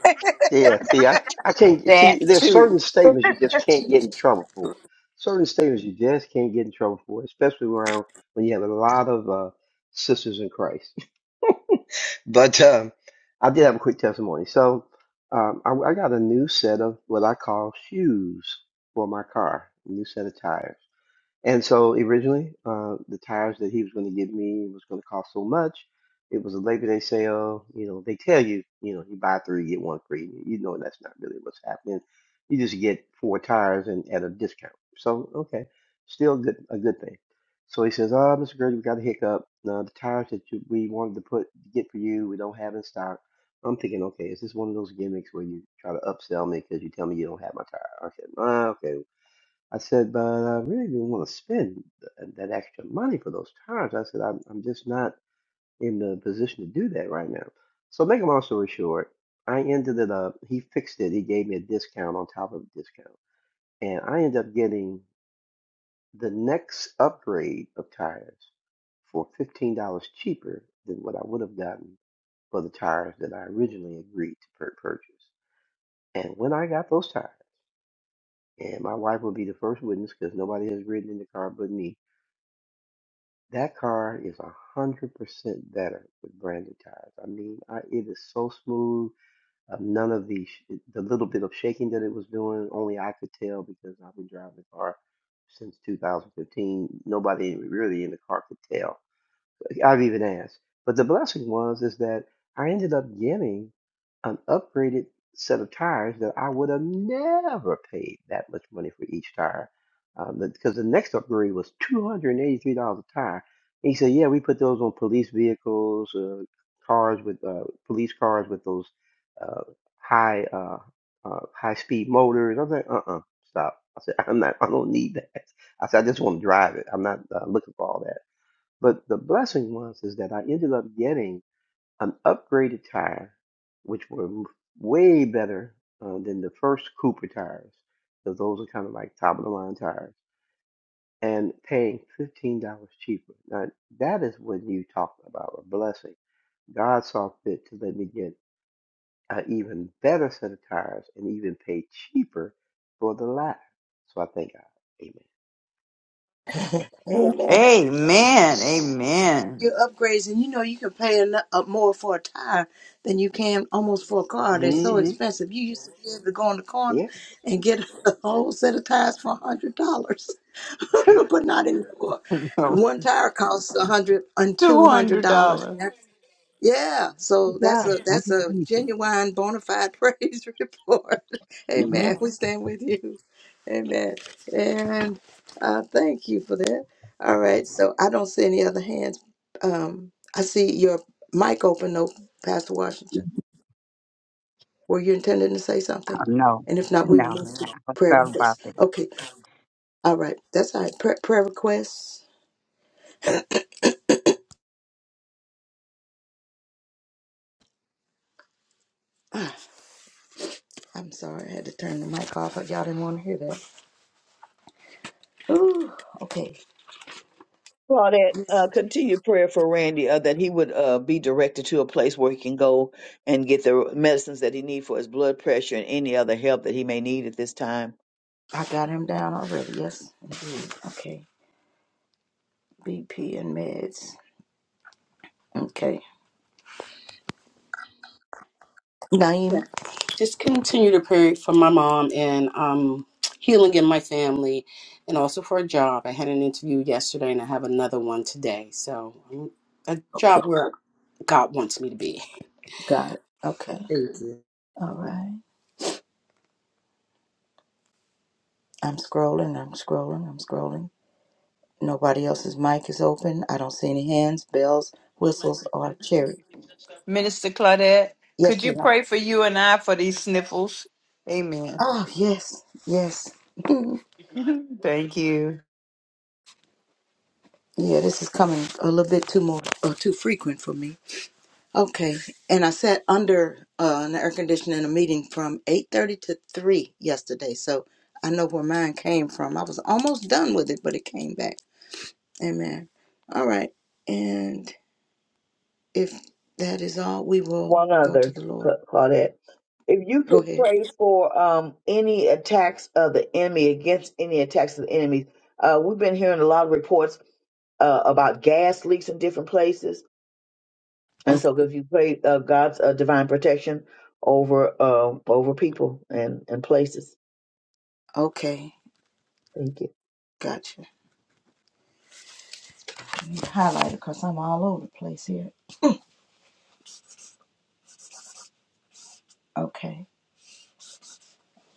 L: Yeah, see, I, I can't see.
I: That
L: There's
I: too.
L: certain statements you just can't get in trouble for. Certain statements you just can't get in trouble for, especially around when you have a lot of uh, sisters in Christ. But um, I did have a quick testimony. So um, I, I got a new set of what I call shoes for my car, a new set of tires. And so originally, uh, the tires that he was going to give me was going to cost so much. It was a Labor Day sale. You know, they tell you, you know, you buy three, get one free. You know, that's not really what's happening. You just get four tires and at a discount. So, okay, still good, a good thing. So he says, "Oh, Mr. Grady, we got a hiccup. Uh, the tires that you, we wanted to put get for you, we don't have in stock." I'm thinking, okay, is this one of those gimmicks where you try to upsell me because you tell me you don't have my tire? I said, ah, okay, I said, but I really didn't want to spend th- uh, that extra money for those tires. I said, I'm, I'm just not in the position to do that right now. So, make a long story short, I ended it up, he fixed it. He gave me a discount on top of a discount. And I ended up getting the next upgrade of tires for $15 cheaper than what I would have gotten for the tires that I originally agreed to pur- purchase. And when I got those tires, and my wife will be the first witness because nobody has ridden in the car but me That car is a hundred percent better with branded tires. I mean, I, it is so smooth. Uh, none of the sh- the little bit of shaking that it was doing, only I could tell because I've been driving the car since 2015. Nobody really in the car could tell I've even asked. But the blessing was is that I ended up getting an upgraded set of tires that I would have never paid that much money for each tire. Um, because the next upgrade was $283 a tire. And he said, yeah, we put those on police vehicles, uh, cars with, uh, police cars with those, uh, high, uh, uh, high speed motors. I was like, uh-uh, stop. I said, I'm not, I don't need that. I said, I just want to drive it. I'm not uh, looking for all that. But the blessing was is that I ended up getting an upgraded tire, which were way better uh, than the first Cooper tires. So those are kind of like top of the line tires, and paying fifteen dollars cheaper. Now that is when you talk about a blessing. God saw fit to let me get an even better set of tires and even pay cheaper for the latter. So I thank God.
C: Amen.
I: Amen. Amen.
C: your upgrades, and you know you can pay a uh, more for a tire than you can almost for a car. They're so
L: Amen.
C: expensive. You used to be able to go in the
L: hmm
C: corner
L: Yeah.
C: and get a whole set of tires for a hundred dollars, but not anymore. One tire costs a hundred and two
I: Two
C: hundred
I: hundred
C: dollars.
I: dollars.
C: Yeah,
G: He
C: so that's
G: does.
C: a
G: Thank
C: that's
G: you,
C: a
G: Jesus.
C: genuine bona fide praise report.
G: Yeah.
C: Amen. We stand with you. Amen. And uh, thank you for that. All right. So I don't see any other hands. Um, I see your mic open though, Pastor Washington. Were you intending to say something?
G: Oh, no,
C: And if not, we will
G: no.
C: move to
G: I was
C: prayer
G: thought
C: requests.
G: about it.
C: Okay. All right. That's all right. Pra- prayer requests. Ah, I'm sorry. I had to turn the mic off. Y'all didn't want to hear that. Ooh, okay.
D: Claudette, uh, continue prayer for Randy uh, that he would uh, be directed to a place where he can go and get the medicines that he needs for his blood pressure and any other help that he may need at this time.
C: I got him down already. Yes, indeed. Okay. BP and meds. Okay.
F: my.
C: Naima.
F: just continue to pray for my mom and um, healing in my family and also for a job. I had an interview yesterday and I have another one today. So, um, a
C: Okay.
F: job where God wants me to be.
C: Got it. Okay.
F: Thank you.
C: All right. I'm scrolling. I'm scrolling. I'm scrolling. Nobody else's mic is open. I don't see any hands, bells, whistles, or cherry.
I: Minister Claudette, could
C: Yes, we
I: you
C: are.
I: pray for you and I for these sniffles? Amen.
C: Oh, yes. Yes. yeah,
I: Thank you.
C: this is coming a little bit too more, uh, too frequent for me. Okay, and I sat under uh, an air conditioner in a meeting from eight thirty to three yesterday, so I know where mine came from. I was almost done with it, but it came back. Amen. All right, and if that is all, we will
D: One
C: go to
D: other,
C: the Lord.
D: Cla- Claudette. If you
C: Go
D: could
C: ahead.
D: pray for um, any attacks of the enemy, against any attacks of the enemy, uh, we've been hearing a lot of reports uh, about gas leaks in different places. And
C: Okay,
D: so, if you pray uh, God's uh, divine protection over uh, over people and, and places,
C: okay,
D: thank you.
C: gotcha. Let me Highlight it cause I'm all over the place here. Okay.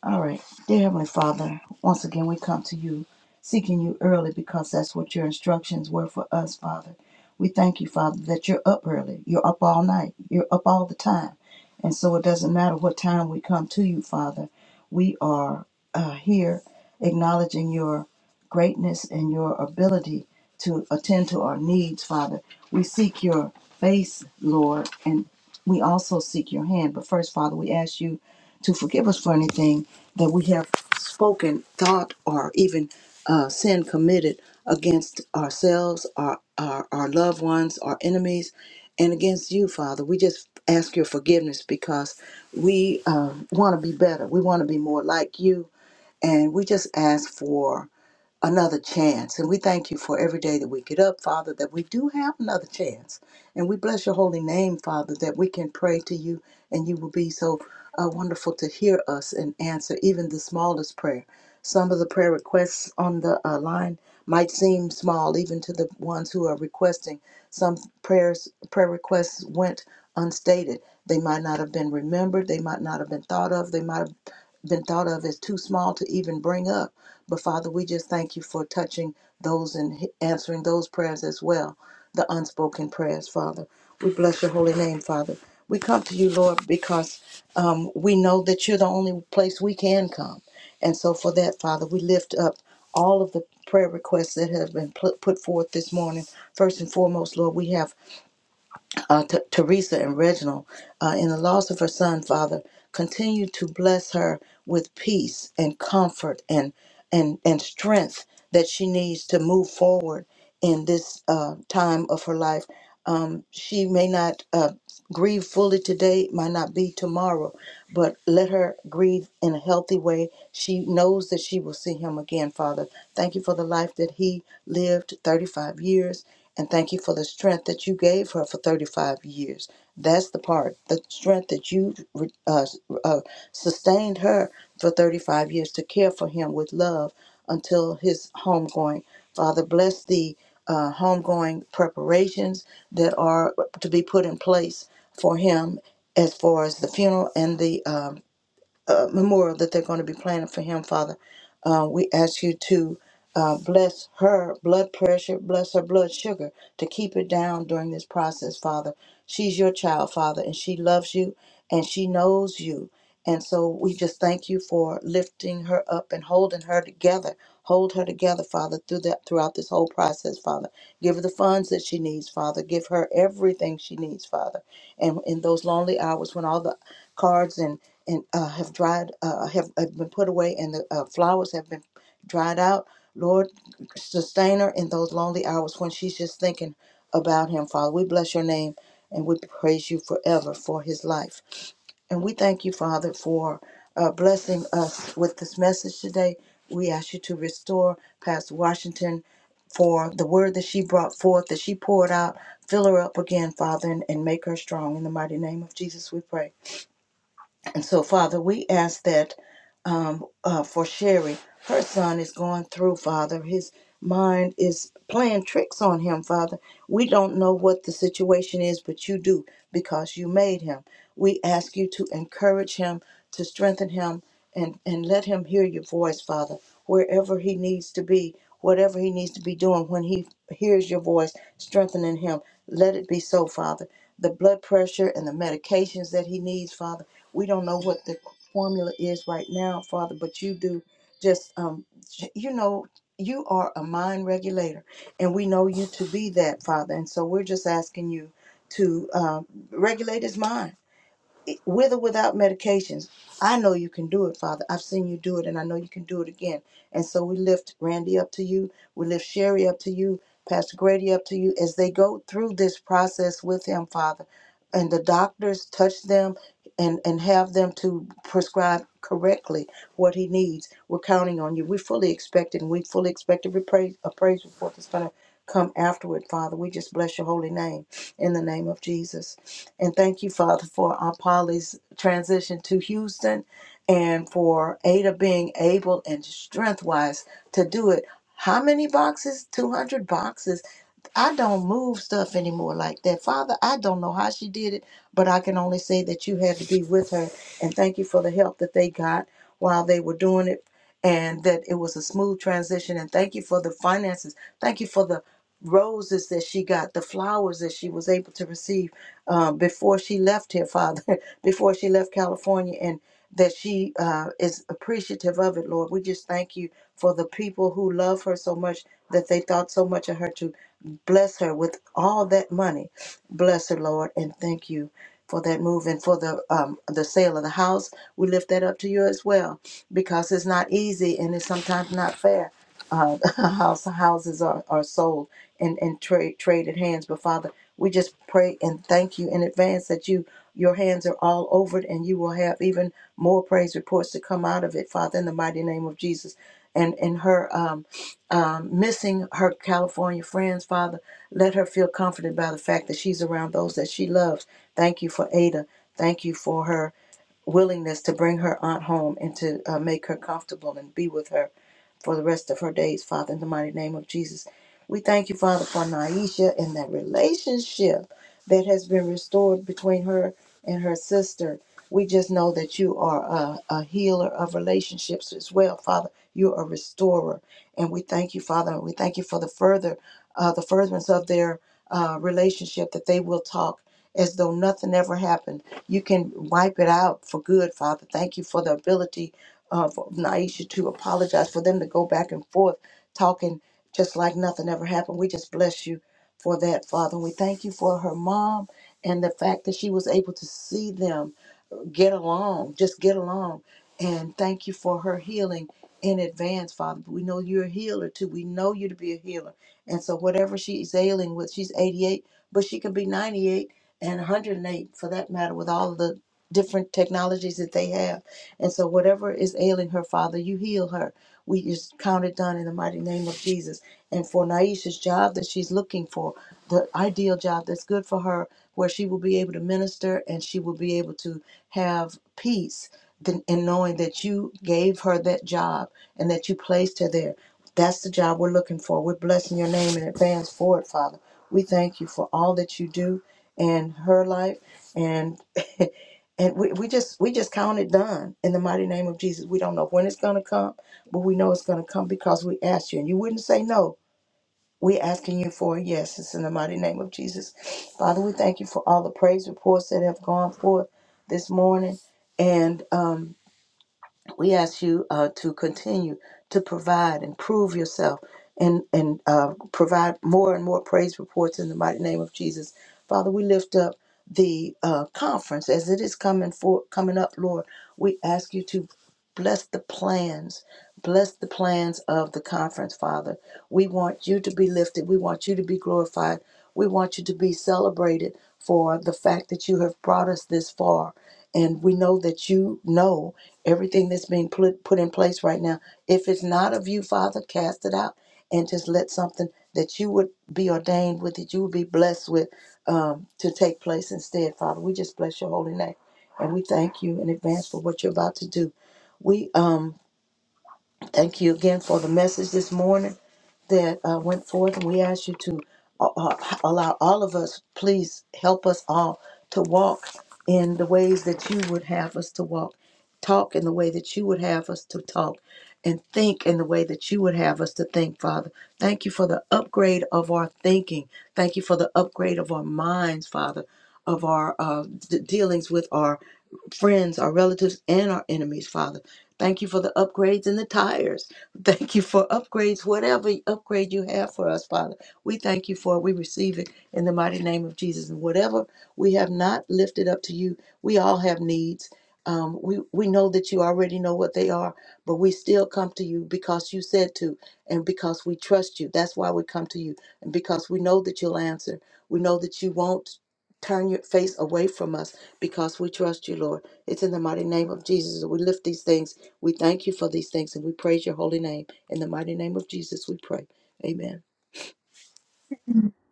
C: All right. Dear Heavenly Father, once again we come to you seeking you early because that's what your instructions were for us, Father. We thank you, Father, that you're up early. You're up all night. You're up all the time. And so it doesn't matter what time we come to you, Father. We are uh, here acknowledging your greatness and your ability to attend to our needs, Father. We seek your face, Lord, and we also seek your hand. But first, Father, we ask you to forgive us for anything that we have spoken, thought, or even uh, sin committed against ourselves, our, our, our loved ones, our enemies, and against you, Father. We just ask your forgiveness because we uh, want to be better. We want to be more like you. And we just ask for another chance. And we thank you for every day that we get up, Father, that we do have another chance. And we bless your holy name, Father, that we can pray to you and you will be so uh, wonderful to hear us and answer even the smallest prayer. Some of the prayer requests on the uh, line might seem small, even to the ones who are requesting. Some prayers, prayer requests went unstated. They might not have been remembered. They might not have been thought of. They might have been been thought of as too small to even bring up. But Father, we just thank you for touching those and he- answering those prayers as well, the unspoken prayers, Father. We bless your holy name, Father. We come to you, Lord, because um, we know that you're the only place we can come. And so, for that, Father, we lift up all of the prayer requests that have been put put forth this morning. First and foremost, Lord, we have uh, T- Teresa and Reginald, uh, in the loss of her son, Father, continue to bless her with peace and comfort and and and strength that she needs to move forward in this uh, time of her life. Um, she may not uh, grieve fully today; it might not be tomorrow, but let her grieve in a healthy way. She knows that she will see him again, Father. Thank you for the life that he lived 35 years, and thank you for the strength that you gave her for 35 years. That's the part, the strength that you uh, uh, sustained her for 35 years to care for him with love until his homegoing. Father, bless the uh, homegoing preparations that are to be put in place for him as far as the funeral and the um, uh, memorial that they're going to be planning for him, Father. Uh, we ask you to uh, bless her blood pressure, bless her blood sugar, to keep it down during this process, Father. She's your child, Father, and she loves you and she knows you. And so we just thank you for lifting her up and holding her together. Hold her together, Father, through that throughout this whole process, Father. Give her the funds that she needs, Father. Give her everything she needs, Father. And in those lonely hours when all the cards and and uh, have dried, uh, have, have been put away, and the uh, flowers have been dried out. Lord, sustain her in those lonely hours when she's just thinking about Him, Father. We bless your name and we praise you forever for His life. And we thank you, Father, for uh, blessing us with this message today. We ask you to restore Pastor Washington for the word that she brought forth, that she poured out. Fill her up again, Father, and, and make her strong. In the mighty name of Jesus, we pray. And so, Father, we ask that um, uh, for Sherry. Her son is going through, Father. His mind is playing tricks on him, Father. We don't know what the situation is, but you do because you made him. We ask you to encourage him, to strengthen him, and, and let him hear your voice, Father, wherever he needs to be, whatever he needs to be doing. When he hears your voice, strengthening him, let it be so, Father. The blood pressure and the medications that he needs, Father. We don't know what the formula is right now, Father, but you do just, um, you know, you are a mind regulator, and we know you to be that, Father. And so we're just asking you to uh, regulate his mind with or without medications. I know you can do it, Father. I've seen you do it, and I know you can do it again. And so we lift Randy up to you. We lift Sherry up to you, Pastor Grady up to you as they go through this process with him, Father. And the doctors touch them and, and have them to prescribe correctly what he needs. We're counting on you. We fully expect it, and we fully expect every praise, a praise report that's going to come afterward, Father. We just bless your holy name in the name of Jesus. And thank you, Father, for Aunt Polly's transition to Houston and for Ada being able and strength wise to do it. How many boxes? 200 boxes. I don't move stuff anymore like that. Father, I don't know how she did it, but I can only say that you had to be with her. And thank you for the help that they got while they were doing it and that it was a smooth transition. And thank you for the finances. Thank you for the roses that she got, the flowers that she was able to receive uh, before she left here, Father, before she left California, and that she uh, is appreciative of it, Lord. We just thank you for the people who love her so much that they thought so much of her to bless her with all that money. Bless her, Lord, and thank you for that move and for the um, the sale of the house. We lift that up to you as well because it's not easy and it's sometimes not fair uh, house, houses are, are sold and, and trade traded hands. But Father, we just pray and thank you in advance that you your hands are all over it and you will have even more praise reports to come out of it, Father, in the mighty name of Jesus. And and her um, um, missing her California friends, Father, let her feel comforted by the fact that she's around those that she loves. Thank you for Ada. Thank you for her willingness to bring her aunt home and to uh, make her comfortable and be with her for the rest of her days, Father, in the mighty name of Jesus. We thank you, Father, for Naisha and that relationship that has been restored between her and her sister. We just know that you are a, a healer of relationships as well, Father. You're a restorer. And we thank you, Father, and we thank you for the further, uh, the furtherance of their uh, relationship that they will talk as though nothing ever happened. You can wipe it out for good, Father. Thank you for the ability uh, for Naisha to apologize, for them to go back and forth talking just like nothing ever happened. We just bless you for that, Father. And we thank you for her mom and the fact that she was able to see them get along, just get along. And thank you for her healing in advance, Father. But we know you're a healer too. We know you to be a healer. And so whatever she's ailing with, she's 88, but she could be 98 and 108 for that matter with all of the different technologies that they have. And so whatever is ailing her, Father, you heal her. We just count it done in the mighty name of Jesus and for Naisha's job that she's looking for, the ideal job that's good for her, where she will be able to minister and she will be able to have peace than- in knowing that you gave her that job and that you placed her there. That's the job we're looking for. We're blessing your name in advance for it, Father. We thank you for all that you do in her life and and we, we just we just count it done in the mighty name of Jesus. We don't know when it's gonna come, but we know it's gonna come because we asked you. And you wouldn't say no we asking you for a yes. It's in the mighty name of Jesus. Father, we thank you for all the praise reports that have gone forth this morning. And um, we ask you uh, to continue to provide and prove yourself and, and uh, provide more and more praise reports in the mighty name of Jesus. Father, we lift up the uh, conference as it is coming for coming up, Lord. We ask you to Bless the plans. Bless the plans of the conference, Father. We want you to be lifted. We want you to be glorified. We want you to be celebrated for the fact that you have brought us this far. And we know that you know everything that's being put, put in place right now. If it's not of you, Father, cast it out and just let something that you would be ordained with, that you would be blessed with, um, to take place instead, Father. We just bless your holy name. And we thank you in advance for what you're about to do. We um, thank you again for the message this morning that uh, went forth, and we ask you to uh, uh, allow all of us, please help us all to walk in the ways that you would have us to walk, talk in the way that you would have us to talk, and think in the way that you would have us to think, Father. Thank you for the upgrade of our thinking. Thank you for the upgrade of our minds, Father, of our uh, d- dealings with our friends, our relatives, and our enemies, Father. Thank you for the upgrades and the tires. Thank you for upgrades, whatever upgrade you have for us, Father. We thank you for it. We receive it in the mighty name of Jesus. And whatever we have not lifted up to you, we all have needs. Um, we, we know that you already know what they are, but we still come to you because you said to and because we trust you. That's why we come to you and because we know that you'll answer. We know that you won't turn your face away from us because we trust you, Lord. It's in the mighty name of Jesus that we lift these things. We thank you for these things and we praise your holy name. In the mighty name of Jesus, we pray. Amen.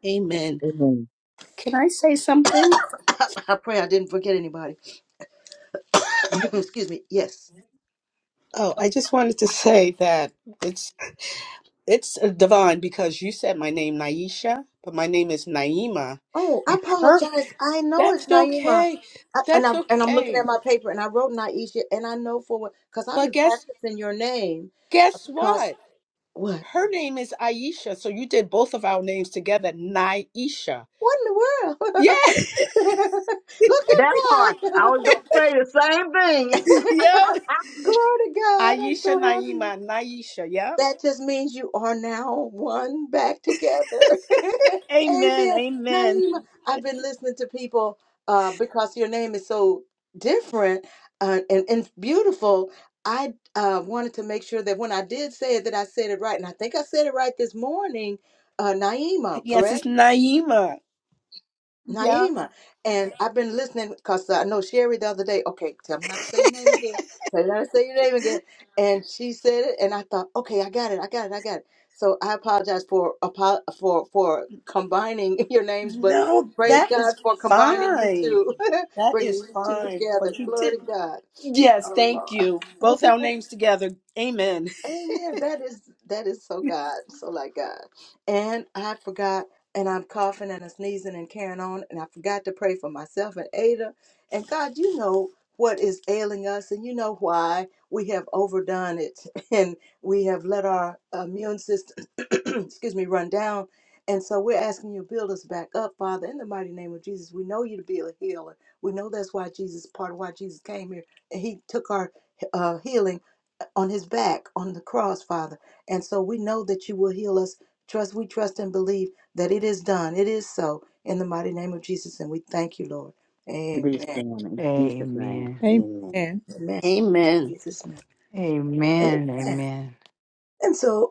F: Amen.
D: Amen.
F: Can I say something?
C: I pray I didn't forget anybody. Excuse me. Yes.
F: Oh, I just wanted to say that it's it's divine because you said my name Naisha, but my name is Naima.
C: Oh, I
F: Her
C: apologize. I know it's
F: that's
C: Naima.
F: okay.
C: I, and,
F: That's
C: I, and I'm looking
F: okay.
C: at my paper and I wrote Naisha and I know for what, because I've
F: But
C: been
F: guess
C: practicing your name.
F: guess
C: Because
F: what?
C: what?
F: Her name is Aisha, so you did both of our names together, Naisha.
C: What in the
F: Yeah,
C: world? Look
D: That part.
C: at
D: I
C: God.
D: was going to say the same thing.
F: yep.
C: Glory to God. I'm
F: Aisha
C: so happy.
F: Naima, Naisha, yep.
C: That just means you are now one back together.
F: Amen,
C: Amen.
F: amen.
C: Naima, I've been listening to people uh, because your name is so different uh, and, and beautiful. I uh, wanted to make sure that when I did say it, that I said it right. And I think I said it right this morning, uh, Naima,
F: Yes,
C: correct?
F: it's Naima. Yeah.
C: Naima. And I've been listening because I know Sherry the other day. Okay, tell me how to say your name again. Tell me how to say your name again. And she said it, and I thought, okay, I got it, I got it, I got it. So I apologize for apo- for for combining your names, but
F: No,
C: praise
F: that
C: God
F: is
C: for combining you
F: fine.
C: two,
F: That is
C: bringing you two
F: fine.
C: together.
F: But you did.
C: Glory to God,
F: Yes,
C: our
F: thank you. Both
C: Lord.
F: our names together. Amen.
C: Amen. That is that is so God, so like God. And I forgot, and I'm coughing and I'm sneezing and carrying on, and I forgot to pray for myself and Ada. And God, you know what is ailing us, and you know why we have overdone it, and we have let our immune system, excuse me, run down. And so we're asking you to build us back up, Father, in the mighty name of Jesus. We know you to be a healer. We know that's why Jesus, part of why Jesus came here, and He took our uh, healing on his back on the cross, Father. And so we know that you will heal us. Trust, we trust and believe that it is done. It is so in the mighty name of Jesus. And we thank you, Lord.
G: Please,
C: Amen.
G: God, in Jesus' name.
I: Amen.
G: Amen.
A: Amen.
C: Amen. In
F: Amen.
C: Jesus' name.
I: Amen. Amen.
C: And so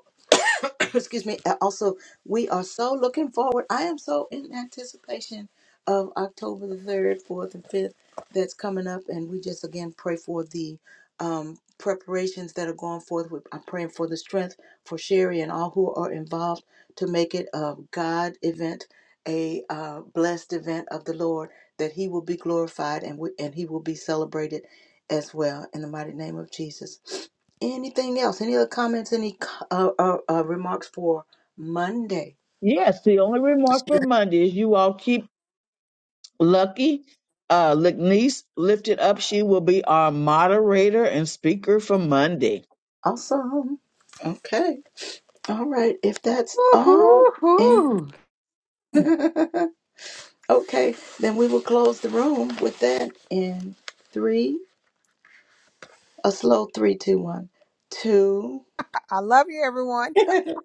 C: excuse me and also we are so looking forward i am so in anticipation of october the 3rd 4th and 5th that's coming up and we just again pray for the um, preparations that are going forth We i'm praying for the strength for sherry and all who are involved to make it a god event a uh, blessed event of the lord that he will be glorified and, we, and he will be celebrated as well in the mighty name of jesus Anything else? Any other comments? Any co- uh, uh, uh, remarks for Monday?
D: Yes, the only remark for Monday is you all keep Lucky, uh, Lignice lifted up. She will be our moderator and speaker for Monday.
C: Awesome. Okay. All right. If that's all, and
I: Woo-hoo-hoo.
C: okay, then we will close the room with that in three, a slow three, two, one, two.
A: I I love you, everyone.
C: I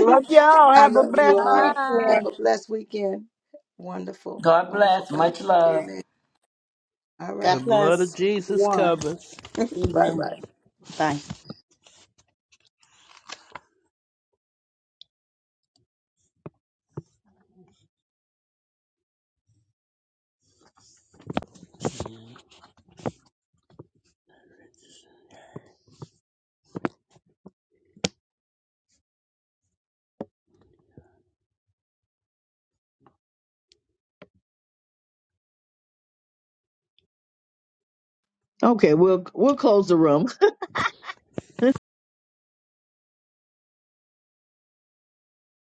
E: Love y'all. Have a
C: love you
E: blessed
C: all.
E: weekend.
A: Bye.
C: Have a blessed weekend. Wonderful,
P: God
C: wonderful
P: bless.
C: God.
P: Much love.
C: Amen. All
J: The
F: God
C: right.
J: blood of
F: bless.
J: Jesus
C: One.
J: covers.
C: Bye
F: Amen.
C: bye.
F: Bye.
D: Okay, we'll we'll close the room.